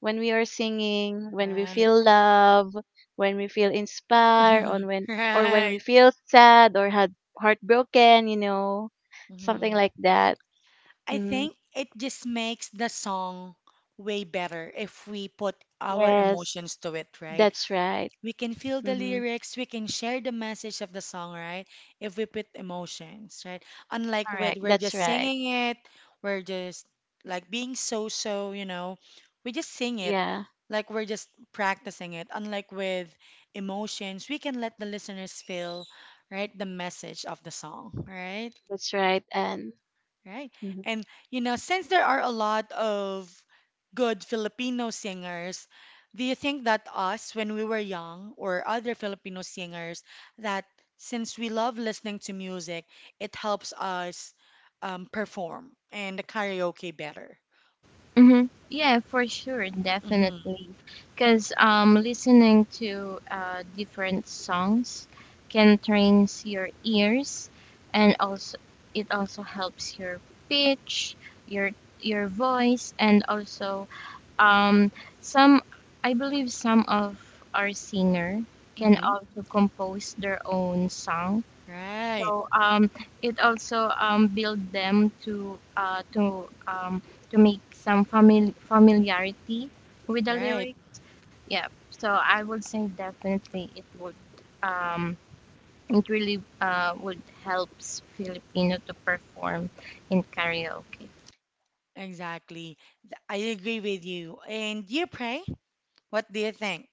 [SPEAKER 2] when we are singing, when we
[SPEAKER 1] Right.
[SPEAKER 2] feel love, when we feel inspired, on when or when we
[SPEAKER 1] Right.
[SPEAKER 2] feel sad or had heartbroken, you know, something
[SPEAKER 1] Mm-hmm.
[SPEAKER 2] like that.
[SPEAKER 1] I
[SPEAKER 2] Hmm.
[SPEAKER 1] think it just makes the song way better if we put our
[SPEAKER 2] Yes,
[SPEAKER 1] emotions to it, right?
[SPEAKER 2] that's right.
[SPEAKER 1] We can feel the
[SPEAKER 2] Hmm.
[SPEAKER 1] lyrics, we can share the message of the song, right? If we put emotions, right? Unlike with
[SPEAKER 2] Correct.
[SPEAKER 1] we're
[SPEAKER 2] That's
[SPEAKER 1] just
[SPEAKER 2] right.
[SPEAKER 1] singing it, we're just like being so so, you know, we just sing it.
[SPEAKER 2] Yeah,
[SPEAKER 1] Like we're just practicing it. Unlike with emotions, we can let the listeners feel, right, the message of the song, right?
[SPEAKER 2] that's right. And
[SPEAKER 1] Right.
[SPEAKER 2] mhm.
[SPEAKER 1] And you know, since there are a lot of good Filipino singers, do you think that us, when we were young, or other Filipino singers, that since we love listening to music, it helps us um, perform and the karaoke better?
[SPEAKER 3] Hmm. Yeah, for sure,
[SPEAKER 1] Mm-hmm.
[SPEAKER 3] definitely. Because um, listening to uh, different songs can trains your ears, and also it also helps your pitch, your your voice, and also um, some, I believe some of our singer can
[SPEAKER 1] Mm-hmm.
[SPEAKER 3] also compose their own songs.
[SPEAKER 1] Right.
[SPEAKER 3] So um, it also um, build them to uh, to um, to make some famil- familiarity with the
[SPEAKER 1] Right.
[SPEAKER 3] lyric. Yeah. So I would say definitely it would um, it really uh, would helps Filipino to perform in karaoke.
[SPEAKER 1] Exactly. Th- I agree with you. And you, Pray, what do you think?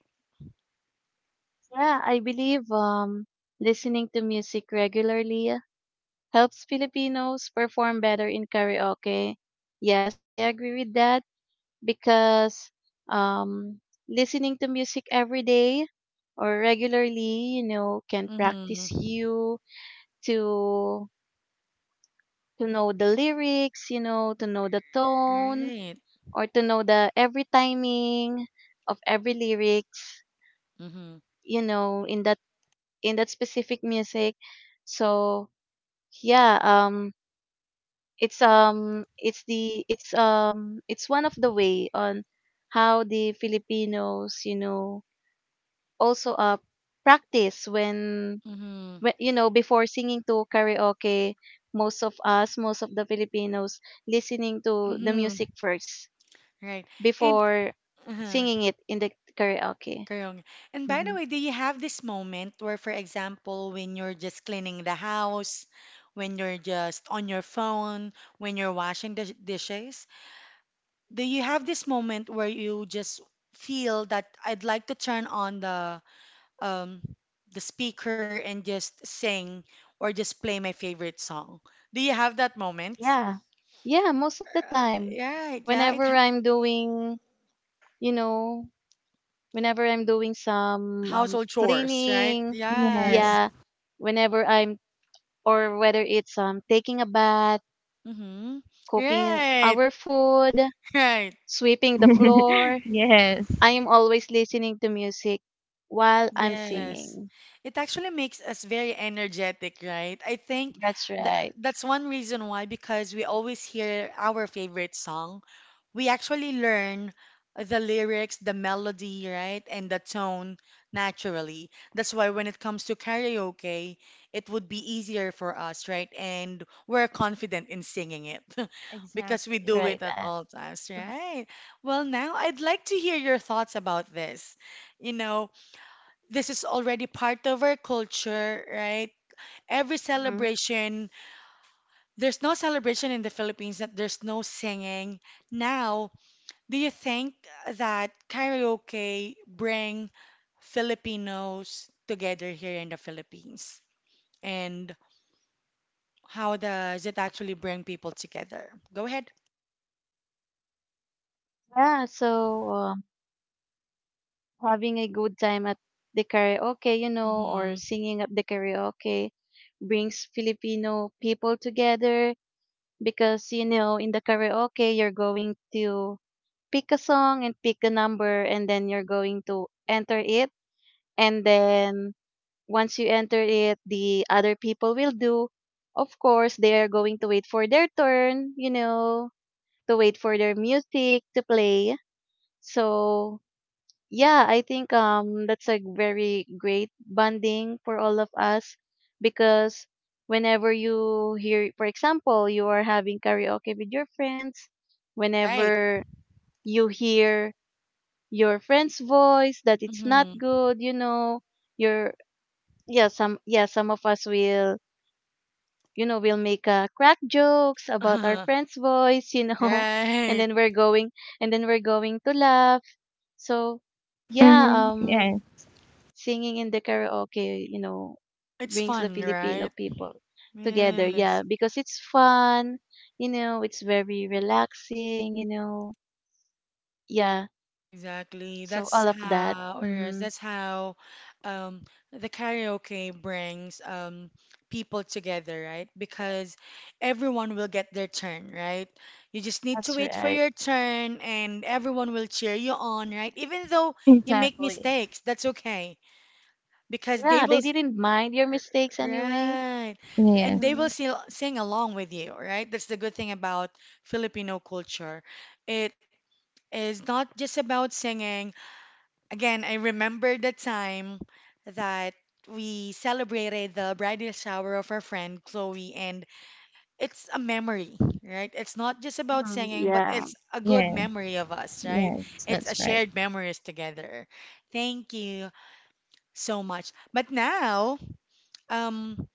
[SPEAKER 2] Yeah, I believe um, listening to music regularly helps Filipinos perform better in karaoke. Yes, I agree with that, because um, listening to music every day or regularly, you know, can practice
[SPEAKER 1] Mm-hmm.
[SPEAKER 2] you to to know the lyrics, you know, to know the tone
[SPEAKER 1] Right.
[SPEAKER 2] or to know the every timing of every lyrics,
[SPEAKER 1] Mm-hmm.
[SPEAKER 2] you know, in that in that specific music. So yeah, um, it's um, it's the it's um, it's one of the way on how the Filipinos, you know, also uh practice when,
[SPEAKER 1] Mm-hmm.
[SPEAKER 2] when you know before singing to karaoke. Most of us, most of the Filipinos, listening to the
[SPEAKER 1] Mm-hmm.
[SPEAKER 2] music first
[SPEAKER 1] Right. And
[SPEAKER 2] before
[SPEAKER 1] uh
[SPEAKER 2] singing it in the karaoke.
[SPEAKER 1] Karong. And by the
[SPEAKER 2] Hmm.
[SPEAKER 1] way, do you have this moment where, for example, when you're just cleaning the house, when you're just on your phone, when you're washing the dishes, do you have this moment where you just feel that I'd like to turn on the um the speaker and just sing or just play my favorite song? Do you have that moment?
[SPEAKER 2] Yeah. Yeah, most of the
[SPEAKER 1] Uh,
[SPEAKER 2] time.
[SPEAKER 1] yeah, yeah, it
[SPEAKER 2] Whenever
[SPEAKER 1] ha
[SPEAKER 2] I'm doing you know, whenever I'm doing some um,
[SPEAKER 1] household chores, right?
[SPEAKER 2] cleaning,
[SPEAKER 3] Yeah.
[SPEAKER 1] Yes.
[SPEAKER 2] yeah, whenever I'm, or whether it's um, taking a bath,
[SPEAKER 1] Mm-hmm.
[SPEAKER 2] cooking
[SPEAKER 1] Right,
[SPEAKER 2] our food,
[SPEAKER 1] right.
[SPEAKER 2] sweeping the floor,
[SPEAKER 3] Yes.
[SPEAKER 2] I am always listening to music while I'm
[SPEAKER 1] Yes.
[SPEAKER 2] singing.
[SPEAKER 1] It actually makes us very energetic, right? I think
[SPEAKER 2] That's
[SPEAKER 1] that
[SPEAKER 2] right.
[SPEAKER 1] that's one reason why, because we always hear our favorite song we actually learn the lyrics, the melody, right, and the tone naturally. That's why when it comes to karaoke, it would be easier for us, right? And we're confident in singing it because we
[SPEAKER 2] That's
[SPEAKER 3] Exactly.
[SPEAKER 1] do
[SPEAKER 2] right.
[SPEAKER 1] it at
[SPEAKER 2] And,
[SPEAKER 1] all times, right? Well, now I'd like to hear your thoughts about this. You know, this is already part of our culture, right? Every
[SPEAKER 2] mhm.
[SPEAKER 1] celebration, there's no celebration in the Philippines that there's no singing. Now, do you think that karaoke bring Filipinos together here in the Philippines? And how does it actually bring people together? Go ahead.
[SPEAKER 2] yeah, so um, having a good time at the karaoke, you know, or
[SPEAKER 1] Mm-hmm.
[SPEAKER 2] singing at the karaoke brings Filipino people together, because you know in the karaoke you're going to pick a song and pick a number, and then you're going to enter it, and then once you enter it the other people will do, of course they are going to wait for their turn, you know, to wait for their music to play. So yeah, I think um that's a very great bonding for all of us, because whenever you hear, for example, you are having karaoke with your friends,
[SPEAKER 1] Right.
[SPEAKER 2] whenever you hear your friend's voice that it's not
[SPEAKER 1] Mm-hmm.
[SPEAKER 2] good, you know, your yeah, some yeah, some of us will, you know, will make uh, crack jokes about our friend's voice, you know, and
[SPEAKER 1] Right.
[SPEAKER 2] then we're going and then we're going to laugh. So yeah,
[SPEAKER 3] Mm-hmm.
[SPEAKER 2] um
[SPEAKER 3] Yeah.
[SPEAKER 2] singing in the karaoke, you know,
[SPEAKER 1] It's
[SPEAKER 2] brings the
[SPEAKER 1] fun,
[SPEAKER 2] Filipino
[SPEAKER 1] right?
[SPEAKER 2] people together.
[SPEAKER 1] Yes.
[SPEAKER 2] Yeah, because it's fun, you know, it's very relaxing, you know. Yeah,
[SPEAKER 1] Exactly.
[SPEAKER 2] so
[SPEAKER 1] That's
[SPEAKER 2] all of that.
[SPEAKER 1] how, or yes,
[SPEAKER 2] Mm-hmm.
[SPEAKER 1] that's how um, the karaoke brings um, people together, right? Because everyone will get their turn, right? You just need to
[SPEAKER 2] That's
[SPEAKER 1] wait for
[SPEAKER 2] right.
[SPEAKER 1] your turn and everyone will cheer you on, right? Even though you make
[SPEAKER 3] Exactly.
[SPEAKER 1] mistakes, that's okay because they
[SPEAKER 2] Yeah,
[SPEAKER 1] will,
[SPEAKER 2] they
[SPEAKER 1] s-
[SPEAKER 2] didn't mind your mistakes anyway.
[SPEAKER 1] right?
[SPEAKER 3] Yeah.
[SPEAKER 1] And they
[SPEAKER 2] Mm-hmm.
[SPEAKER 1] will sing, sing along with you, right? That's the good thing about Filipino culture. It is not just about singing. Again, I remember the time that we celebrated the bridal shower of our friend Chloe, and it's a memory, right? It's not just about
[SPEAKER 2] Hmm.
[SPEAKER 1] singing, but
[SPEAKER 2] Yeah.
[SPEAKER 1] it's a good
[SPEAKER 3] Yeah.
[SPEAKER 1] memory of us, right?
[SPEAKER 3] Yes.
[SPEAKER 1] It's a
[SPEAKER 3] That's right.
[SPEAKER 1] shared memories together. Thank you so much. But now, um,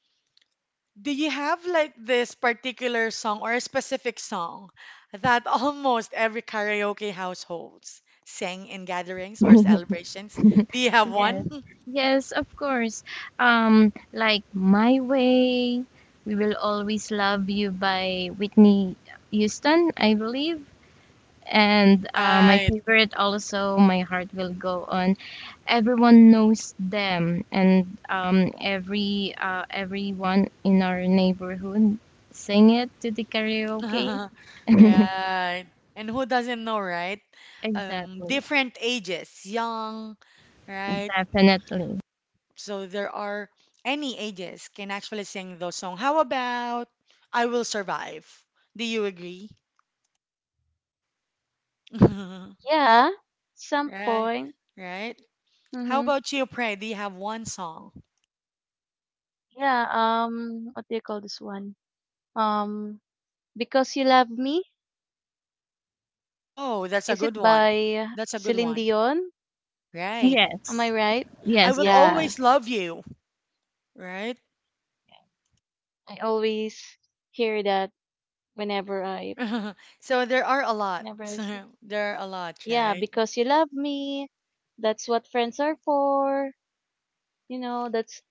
[SPEAKER 1] do you have like this particular song or a specific song that almost every karaoke households sang in gatherings or celebrations? Do you have
[SPEAKER 3] Yes,
[SPEAKER 1] one?
[SPEAKER 3] yes, of course. Um, like My Way, We Will Always Love You by Whitney Houston, I believe. And uh, my
[SPEAKER 1] Right.
[SPEAKER 3] favorite also, My Heart Will Go On. Everyone knows them, and um, every uh, everyone in our neighborhood sing it to the karaoke.
[SPEAKER 1] Right. And who doesn't know, right? Um,
[SPEAKER 3] Exactly,
[SPEAKER 1] different ages, young, right?
[SPEAKER 3] definitely.
[SPEAKER 1] So there are any ages can actually sing those songs. How about I Will Survive? Do you agree?
[SPEAKER 2] Yeah. Some
[SPEAKER 1] Right.
[SPEAKER 2] point.
[SPEAKER 1] Right. How
[SPEAKER 2] Mm-hmm.
[SPEAKER 1] about you, Pray? Do you have one song?
[SPEAKER 2] Yeah. Um, what do you call this one? Um, because you love me.
[SPEAKER 1] Oh, that's a
[SPEAKER 2] Is it
[SPEAKER 1] good one.
[SPEAKER 2] by
[SPEAKER 1] That's a good
[SPEAKER 2] Celine
[SPEAKER 1] one.
[SPEAKER 2] Dion?
[SPEAKER 1] Right.
[SPEAKER 2] Am I
[SPEAKER 3] Yes,
[SPEAKER 2] right?
[SPEAKER 1] I
[SPEAKER 3] yes,
[SPEAKER 1] will
[SPEAKER 3] that's right.
[SPEAKER 2] Yeah.
[SPEAKER 1] always love you, right?
[SPEAKER 2] I always hear that whenever I
[SPEAKER 1] So there are a lot.
[SPEAKER 2] whenever I s-
[SPEAKER 1] There are a lot,
[SPEAKER 2] yeah,
[SPEAKER 1] right?
[SPEAKER 2] because you love me. That's what friends are for. You know, that's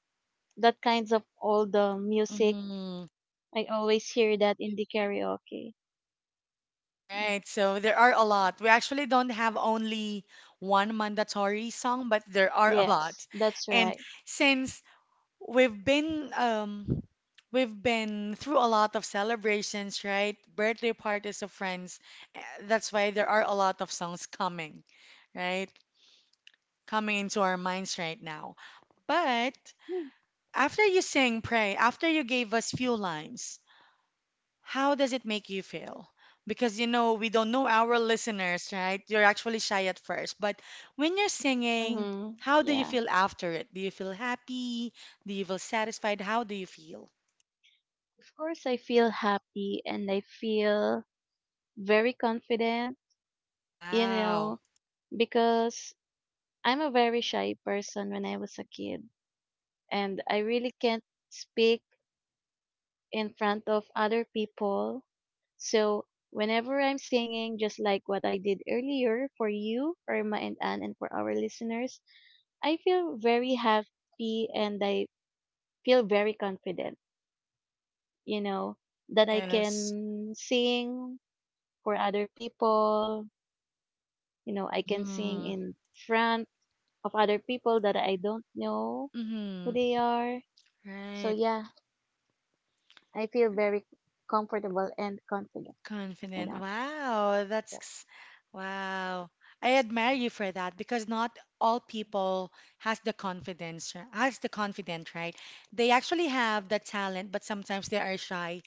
[SPEAKER 2] that kinds of all the music.
[SPEAKER 1] Mm,
[SPEAKER 2] I always hear that in the karaoke.
[SPEAKER 1] right. So there are a lot. We actually don't have only one mandatory song, but there are a
[SPEAKER 2] Yes,
[SPEAKER 1] lot.
[SPEAKER 2] that's
[SPEAKER 1] And
[SPEAKER 2] right.
[SPEAKER 1] since we've been um we've been through a lot of celebrations, right? Birthday parties of friends. eh, That's why there are a lot of songs coming, right? Coming into our minds right now. But after you sang Pray, after you gave us few lines, how does it make you feel? Because you know, we don't know our listeners, right? You're actually shy at first, but when you're singing,
[SPEAKER 2] Mm-hmm.
[SPEAKER 1] how do you
[SPEAKER 2] Yeah.
[SPEAKER 1] feel after it? Do you feel happy? Do you feel satisfied? How do you feel?
[SPEAKER 2] Of course I feel happy and I feel very confident, you
[SPEAKER 1] Wow.
[SPEAKER 2] know, because I'm a very shy person when I was a kid and I really can't speak in front of other people. So whenever I'm singing, just like what I did earlier for you, Irma and Anne, and for our listeners, I feel very happy and I feel very confident, you know, that I
[SPEAKER 1] Yes.
[SPEAKER 2] can sing for other people, you know, I can sing
[SPEAKER 1] Mm-hmm.
[SPEAKER 2] in front of other people that I don't know who
[SPEAKER 1] Mm-hmm.
[SPEAKER 2] they are. So
[SPEAKER 1] Right.
[SPEAKER 2] yeah, I feel very comfortable and confident
[SPEAKER 1] Confident.
[SPEAKER 2] enough.
[SPEAKER 1] Wow, that's
[SPEAKER 2] Yes,
[SPEAKER 1] ex- wow. I admire you for that because not all people has the confidence, r- has the confident, right? They actually have the talent, but sometimes they are shy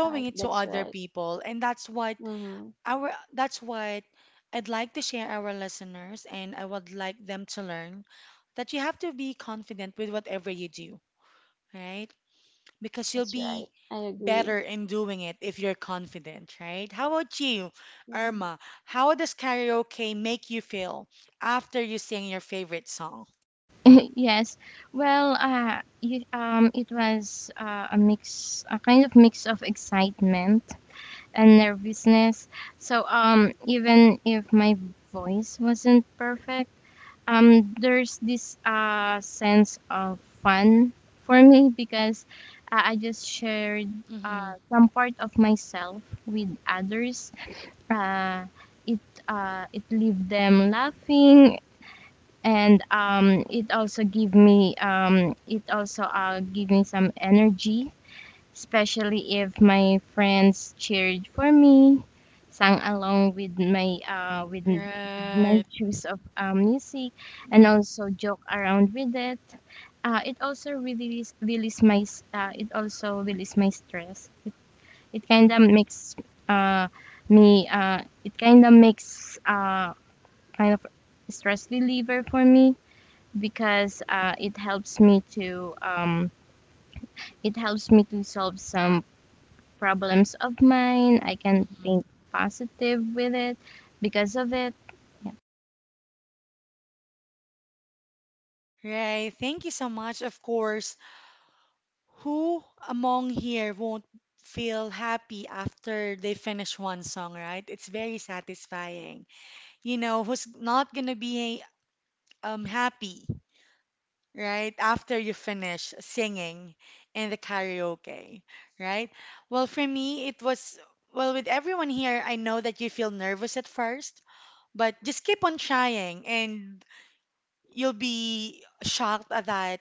[SPEAKER 2] right.
[SPEAKER 1] it to
[SPEAKER 2] That's
[SPEAKER 1] other
[SPEAKER 2] right.
[SPEAKER 1] people. And that's what
[SPEAKER 2] Mhm.
[SPEAKER 1] our that's what I'd like to share our listeners and I would like them to learn that you have to be confident with whatever you do, right? Because you'll
[SPEAKER 2] That's right.
[SPEAKER 1] be
[SPEAKER 2] I agree.
[SPEAKER 1] better in doing it if you're confident, right? How about you,
[SPEAKER 2] Mhm.
[SPEAKER 1] Irma? How does karaoke make you feel after you sing your favorite song?
[SPEAKER 3] Yes. Well, uh, y- um, it was uh, a mix, a kind of mix of excitement and nervousness. So, um, even if my voice wasn't perfect, um, there's this uh, sense of fun for me because uh, I just shared
[SPEAKER 1] Mm-hmm.
[SPEAKER 3] uh, some part of myself with others. Uh, it uh, it leave them laughing, and um, it also give me um, it also uh, give me some energy, especially if my friends cheered for me, sang along with my uh, with my
[SPEAKER 1] Right.
[SPEAKER 3] choice of uh, music, and also joke around with it. uh, it also release release my s- uh, it also release my stress. it kind of makes uh, me uh, it kind of makes, uh, kind of stress reliever for me because uh, it helps me to um, it helps me to solve some problems of mine. I can
[SPEAKER 1] Mm-hmm.
[SPEAKER 3] think positive with it because of it.
[SPEAKER 1] Right. Thank you so much. Of course, who among here won't feel happy after they finish one song, right? It's very satisfying. You know, who's not gonna be um happy, right? After you finish singing in the karaoke, right? Well, for me, it was, well, with everyone here, I know that you feel nervous at first, but just keep on trying and you'll be shocked that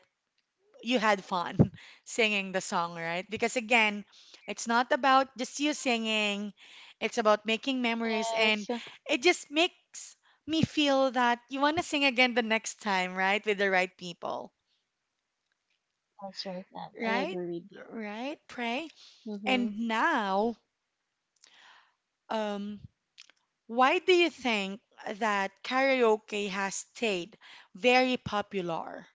[SPEAKER 1] you had fun singing the song, right? Because again, it's not about just you singing, it's about making memories and
[SPEAKER 2] Yes,
[SPEAKER 1] it just makes me feel that you want to sing again the next time, right? With the right people.
[SPEAKER 2] that's right, Nan. I
[SPEAKER 1] Right?
[SPEAKER 2] agree with you.
[SPEAKER 1] Right, Pray.
[SPEAKER 2] Mm-hmm.
[SPEAKER 1] And now, um, why do you think that karaoke has stayed very popular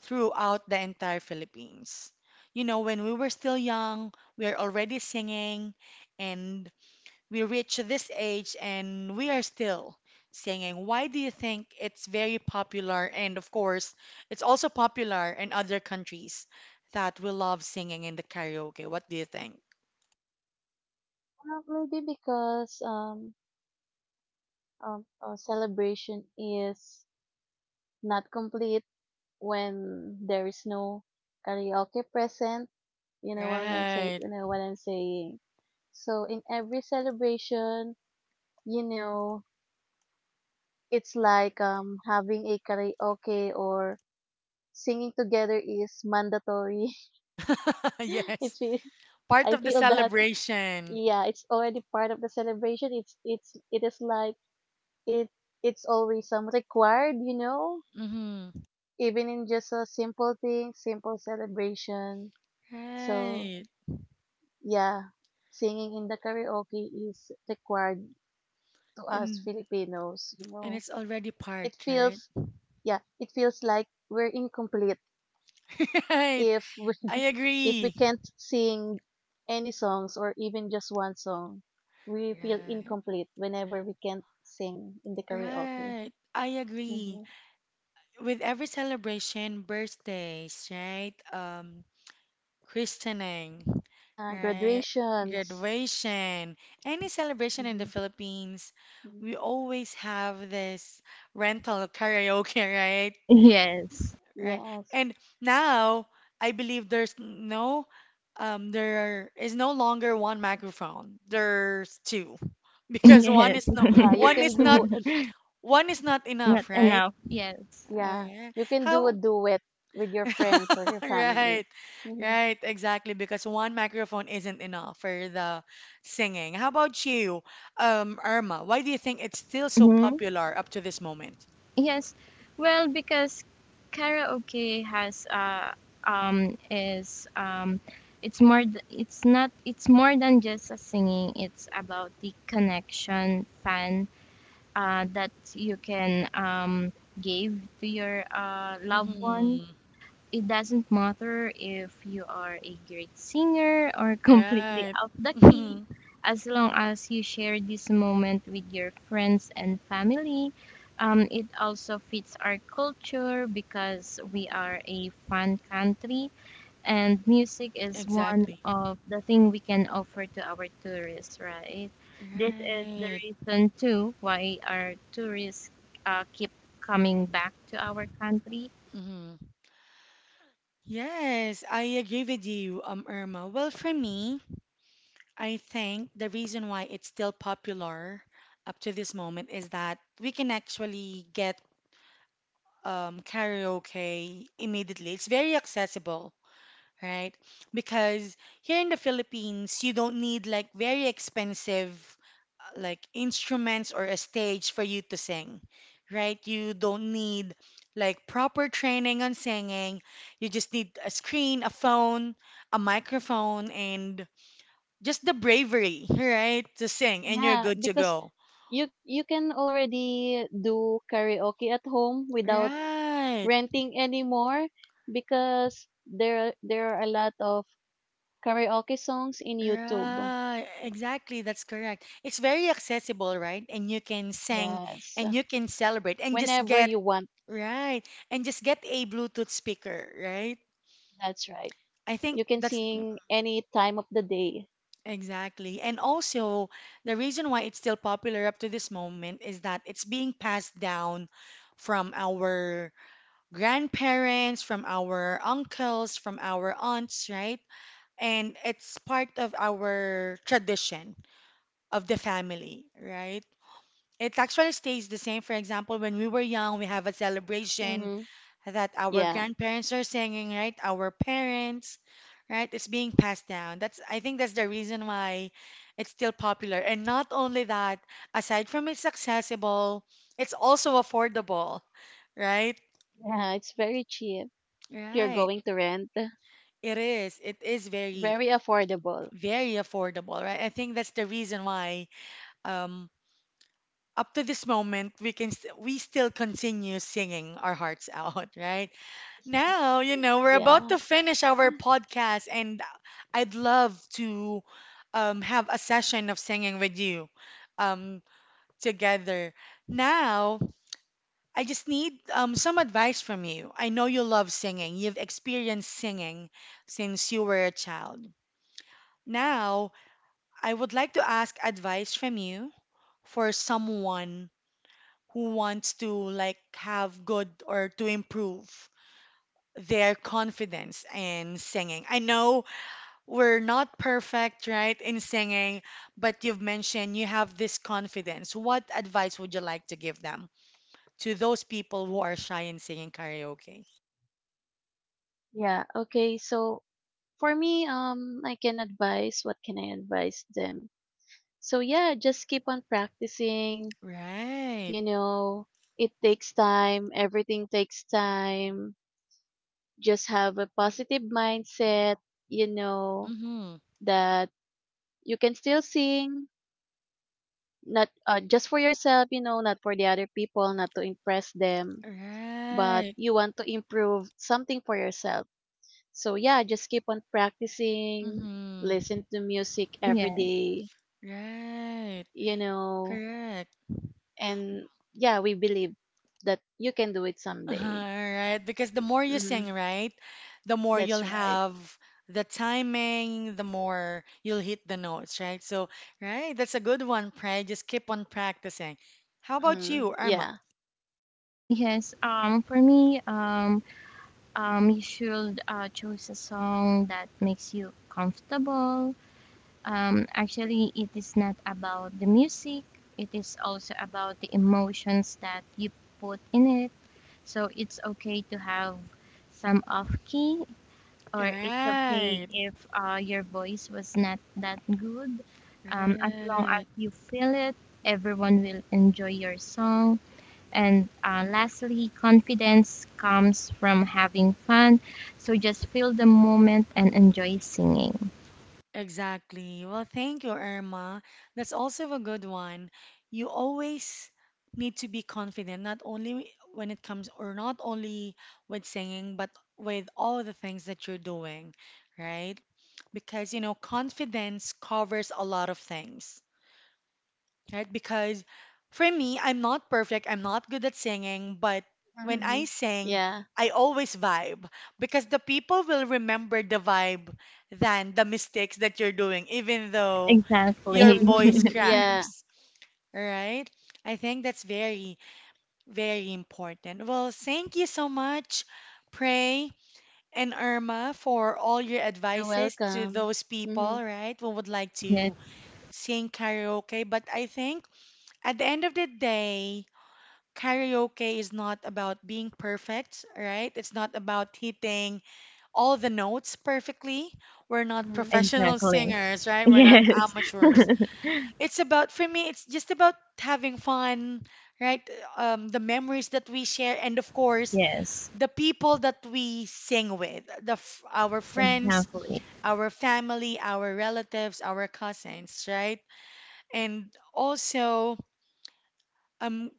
[SPEAKER 1] throughout the entire Philippines? You know, when we were still young, we are already singing, and we reach this age and we are still singing. Why do you think it's very popular? And of course, it's also popular in other countries that we love singing in the karaoke. What do you think?
[SPEAKER 2] Well, maybe because um, um, uh, celebration is not complete when there is no karaoke present. You know what I'm saying?
[SPEAKER 1] Right.
[SPEAKER 2] You know what I'm saying? So in every celebration, you know, it's like um having a karaoke or singing together is mandatory.
[SPEAKER 1] Yes.
[SPEAKER 2] it's really
[SPEAKER 1] Part
[SPEAKER 2] I
[SPEAKER 1] of the
[SPEAKER 2] feel that
[SPEAKER 1] celebration.
[SPEAKER 2] yeah, it's already part of the celebration. It's it's it is like it it's always um required, you know,
[SPEAKER 1] Mm-hmm.
[SPEAKER 2] even in just a simple thing, simple celebration. So
[SPEAKER 1] Right.
[SPEAKER 2] yeah, singing in the karaoke is required to us
[SPEAKER 1] And
[SPEAKER 2] Filipinos, you
[SPEAKER 1] and
[SPEAKER 2] know.
[SPEAKER 1] it's already part,
[SPEAKER 2] It
[SPEAKER 1] right?
[SPEAKER 2] feels yeah, it feels like we're incomplete
[SPEAKER 1] Right.
[SPEAKER 2] if we
[SPEAKER 1] I
[SPEAKER 2] if we
[SPEAKER 1] agree.
[SPEAKER 2] can't sing any songs, or even just one song, we feel
[SPEAKER 1] Right.
[SPEAKER 2] incomplete whenever we can't sing in the karaoke.
[SPEAKER 1] Right. I
[SPEAKER 2] Hmm.
[SPEAKER 1] agree. With every celebration, birthdays, right? Um, christening,
[SPEAKER 2] Yeah,
[SPEAKER 1] right?
[SPEAKER 2] graduations.
[SPEAKER 1] Graduation, any celebration in
[SPEAKER 2] Hmm.
[SPEAKER 1] the Philippines, we always have this rental karaoke, right?
[SPEAKER 3] Yes,
[SPEAKER 1] Right?
[SPEAKER 2] Yes.
[SPEAKER 1] And now I believe there's no, um, there is no longer one microphone. There's two, because one
[SPEAKER 3] yes,
[SPEAKER 1] is no,
[SPEAKER 2] Yeah, you
[SPEAKER 1] one
[SPEAKER 2] can
[SPEAKER 1] is not,
[SPEAKER 2] do a-
[SPEAKER 1] one is not
[SPEAKER 3] not
[SPEAKER 1] enough, right?
[SPEAKER 3] enough. Yes.
[SPEAKER 2] yeah,
[SPEAKER 1] Alright.
[SPEAKER 2] you can do a
[SPEAKER 1] How?
[SPEAKER 2] duet with your friends or your
[SPEAKER 1] Right,
[SPEAKER 2] family. Hmm.
[SPEAKER 1] right, exactly. Because one microphone isn't enough for the singing. How about you, um, Irma? Why do you think it's still so
[SPEAKER 3] Hmm.
[SPEAKER 1] popular up to this moment?
[SPEAKER 3] Yes. Well, because karaoke has uh um is um it's more th- it's not, it's more than just a singing. It's about the connection, fun, uh, that you can um, give to your uh, loved one.
[SPEAKER 1] Hmm.
[SPEAKER 3] It doesn't matter if you are a great singer or completely
[SPEAKER 1] Right.
[SPEAKER 3] out the key,
[SPEAKER 1] Mhm.
[SPEAKER 3] as long as you share this moment with your friends and family. Um, it also fits our culture because we are a fun country and music is one
[SPEAKER 1] Exactly.
[SPEAKER 3] of the thing we can offer to our tourists, right? This is the
[SPEAKER 1] Right.
[SPEAKER 3] reason too why our tourists uh, keep coming back to our country.
[SPEAKER 1] Hmm. Yes, I agree with you, um, Irma. Well, for me, I think the reason why it's still popular up to this moment is that we can actually get um, karaoke immediately. It's very accessible, right? Because here in the Philippines, you don't need like very expensive uh, like instruments or a stage for you to sing, right? You don't need like proper training on singing. You just need a screen, a phone, a microphone, and just the bravery, right? To sing, and you're
[SPEAKER 2] Yeah,
[SPEAKER 1] good to
[SPEAKER 2] because
[SPEAKER 1] go.
[SPEAKER 2] you you can already do karaoke at home without
[SPEAKER 1] Right,
[SPEAKER 2] renting anymore, because there are- there are a lot of karaoke songs in YouTube.
[SPEAKER 1] right. Exactly, that's correct. It's very accessible, right? And you can sing
[SPEAKER 2] Yes,
[SPEAKER 1] and you can celebrate and just
[SPEAKER 2] whenever
[SPEAKER 1] get
[SPEAKER 2] you want.
[SPEAKER 1] right. And just get a Bluetooth speaker, right?
[SPEAKER 2] That's right.
[SPEAKER 1] I think
[SPEAKER 2] You can
[SPEAKER 1] that's
[SPEAKER 2] sing any time of the day.
[SPEAKER 1] exactly. And also, the reason why it's still popular up to this moment is that it's being passed down from our grandparents, from our uncles, from our aunts, right? And it's part of our tradition of the family, right? It actually stays the same. For example, when we were young, we have a celebration
[SPEAKER 2] Mm-hmm.
[SPEAKER 1] that our
[SPEAKER 2] Yeah,
[SPEAKER 1] grandparents are singing, right? Our parents, right? It's being passed down. That's I think that's the reason why it's still popular. And not only that, aside from it's accessible, it's also affordable, right?
[SPEAKER 2] yeah, it's very cheap. If you're
[SPEAKER 1] Right.
[SPEAKER 2] going to rent,
[SPEAKER 1] It is. It is very,
[SPEAKER 2] very affordable.
[SPEAKER 1] very affordable, right? I think that's the reason why um up to this moment we can st we still continue singing our hearts out, right? Now, you know, we're about
[SPEAKER 2] Yeah,
[SPEAKER 1] to finish our podcast, and I'd love to um, have a session of singing with you um, together. Now, I just need um, some advice from you. I know you love singing, you've experienced singing since you were a child. Now, I would like to ask advice from you for someone who wants to like have good or to improve their confidence in singing. I know we're not perfect, right, in singing, but you've mentioned you have this confidence. What advice would you like to give them to those people who are shy in singing karaoke?
[SPEAKER 2] yeah. Okay, so for me, um, I can advise. What can I advise them? So yeah, just keep on practicing.
[SPEAKER 1] Right.
[SPEAKER 2] You know, it takes time. Everything takes time, just have a positive mindset, you know,
[SPEAKER 1] Mm-hmm.
[SPEAKER 2] that you can still sing, not uh, just for yourself, you know, not for the other people, not to impress them, but
[SPEAKER 1] Right.
[SPEAKER 2] you want to improve something for yourself. So, yeah, just keep on practicing,
[SPEAKER 1] Mm-hmm.
[SPEAKER 2] listen to music every
[SPEAKER 3] Yeah.
[SPEAKER 2] day,
[SPEAKER 1] Right.
[SPEAKER 2] you know,
[SPEAKER 1] Correct.
[SPEAKER 2] and yeah, we believe that you can do it
[SPEAKER 1] All
[SPEAKER 2] someday.
[SPEAKER 1] right, because the more you
[SPEAKER 2] Mm-hmm.
[SPEAKER 1] sing, right, the more
[SPEAKER 2] That's
[SPEAKER 1] you'll
[SPEAKER 2] right.
[SPEAKER 1] have the timing, the more you'll hit the notes, right? So, right, that's a good one, Pray. Just keep on practicing. How about
[SPEAKER 2] Mm-hmm.
[SPEAKER 1] you, Irma?
[SPEAKER 2] Yeah.
[SPEAKER 3] Yes, um for me. um um you should uh, choose a song that makes you comfortable. um actually, it is not about the music, it is also about the emotions that you put in it. So it's okay to have some off key, or it's okay
[SPEAKER 1] Right,
[SPEAKER 3] if uh, your voice was not that good. Um, as long as
[SPEAKER 1] right.
[SPEAKER 3] you feel it, everyone will enjoy your song. And uh, lastly, confidence comes from having fun. So just feel the moment and enjoy singing.
[SPEAKER 1] Exactly. Well, thank you, Irma. That's also a good one. You always need to be confident, not only when it comes, or not only with singing, but with all the things that you're doing, right? Because, you know, confidence covers a lot of things, right? Because for me, I'm not perfect, I'm not good at singing, but when
[SPEAKER 2] Mm-hmm.
[SPEAKER 1] I sing,
[SPEAKER 2] Yeah.
[SPEAKER 1] I always vibe because the people will remember the vibe than the mistakes that you're doing, even though your
[SPEAKER 3] Exactly.
[SPEAKER 1] voice
[SPEAKER 2] Mm-hmm. Yeah.
[SPEAKER 1] cracks, right? I think that's very, very important. Well, thank you so much, Pray and Irma, for all your
[SPEAKER 2] You're
[SPEAKER 1] advices to
[SPEAKER 2] welcome.
[SPEAKER 1] those
[SPEAKER 2] Mhm.
[SPEAKER 1] people, right, who would like
[SPEAKER 3] Yes,
[SPEAKER 1] to sing karaoke. But I think at the end of the day, karaoke is not about being perfect, right? It's not about hitting all the notes perfectly. We're not
[SPEAKER 2] Hmm.
[SPEAKER 1] professional
[SPEAKER 3] exactly.
[SPEAKER 1] singers, right? We're not
[SPEAKER 3] Yes,
[SPEAKER 1] amateurs. It's about, for me, it's just about having fun, right? Um, the memories that we share, and of course,
[SPEAKER 3] yes,
[SPEAKER 1] the people that we sing with, the f- our friends,
[SPEAKER 3] exactly.
[SPEAKER 1] our family, our relatives, our cousins, right? And also, um,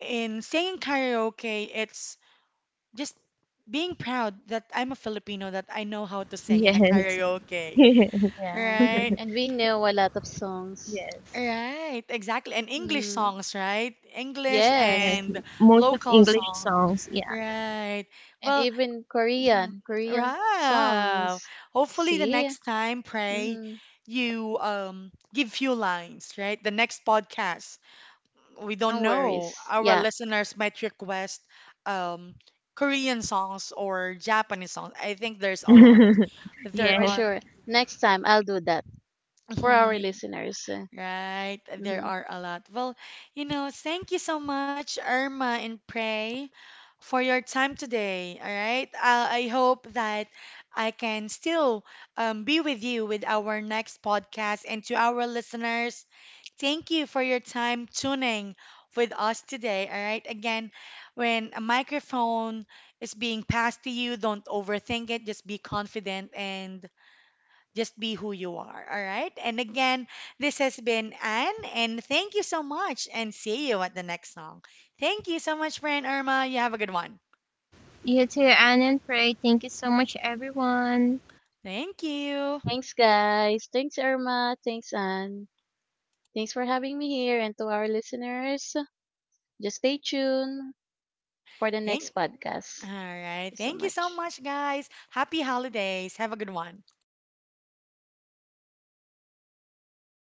[SPEAKER 1] in singing karaoke, it's just being proud that I'm a Filipino, that I know how to sing in a
[SPEAKER 3] Yes,
[SPEAKER 1] karaoke,
[SPEAKER 2] Yeah.
[SPEAKER 1] right?
[SPEAKER 2] And we know a lot of songs.
[SPEAKER 3] yes.
[SPEAKER 1] Right, exactly. And English
[SPEAKER 2] Mhm.
[SPEAKER 1] songs, right? English
[SPEAKER 2] Yes.
[SPEAKER 3] Yes,
[SPEAKER 1] and
[SPEAKER 3] most of
[SPEAKER 1] local
[SPEAKER 3] English
[SPEAKER 1] song,
[SPEAKER 3] songs. Yeah.
[SPEAKER 1] right?
[SPEAKER 2] And
[SPEAKER 1] Well,
[SPEAKER 2] even
[SPEAKER 1] mhm,
[SPEAKER 2] Korean, Korean
[SPEAKER 1] wow.
[SPEAKER 2] songs.
[SPEAKER 1] Hopefully the
[SPEAKER 2] See?
[SPEAKER 1] next time, Pray,
[SPEAKER 2] Mhm.
[SPEAKER 1] you um give few lines, right? The next podcast we don't
[SPEAKER 2] No
[SPEAKER 1] know.
[SPEAKER 2] worries.
[SPEAKER 1] Our
[SPEAKER 2] Yeah,
[SPEAKER 1] listeners might request um, Korean songs or Japanese songs. I think there's a lot. There
[SPEAKER 2] for
[SPEAKER 3] Yes.
[SPEAKER 1] are.
[SPEAKER 2] sure. Next time I'll do that for our
[SPEAKER 1] Mhm.
[SPEAKER 2] listeners.
[SPEAKER 1] Right, there
[SPEAKER 2] Mhm.
[SPEAKER 1] are a lot. Well, you know, thank you so much, Irma and Prey, for your time today. All right, uh, I hope that I can still um, be with you with our next podcast. And to our listeners, thank you for your time tuning with us today. All right, again, when a microphone is being passed to you, don't overthink it, just be confident and just be who you are, all right? And again, this has been Anne, and thank you so much, and see you at the next song. Thank you so much, friend Irma. You have a good one.
[SPEAKER 3] You too, Anne and Frey. Thank you so much, everyone.
[SPEAKER 1] Thank you.
[SPEAKER 2] Thanks guys. Thanks Irma. Thanks Anne. Thanks for having me here, and to our listeners, just stay tuned for the
[SPEAKER 1] Thank,
[SPEAKER 2] next podcast.
[SPEAKER 1] all
[SPEAKER 2] Thank
[SPEAKER 1] right.
[SPEAKER 2] you so
[SPEAKER 1] Thank you so
[SPEAKER 2] much.
[SPEAKER 1] much, guys. Happy holidays. Have a good one.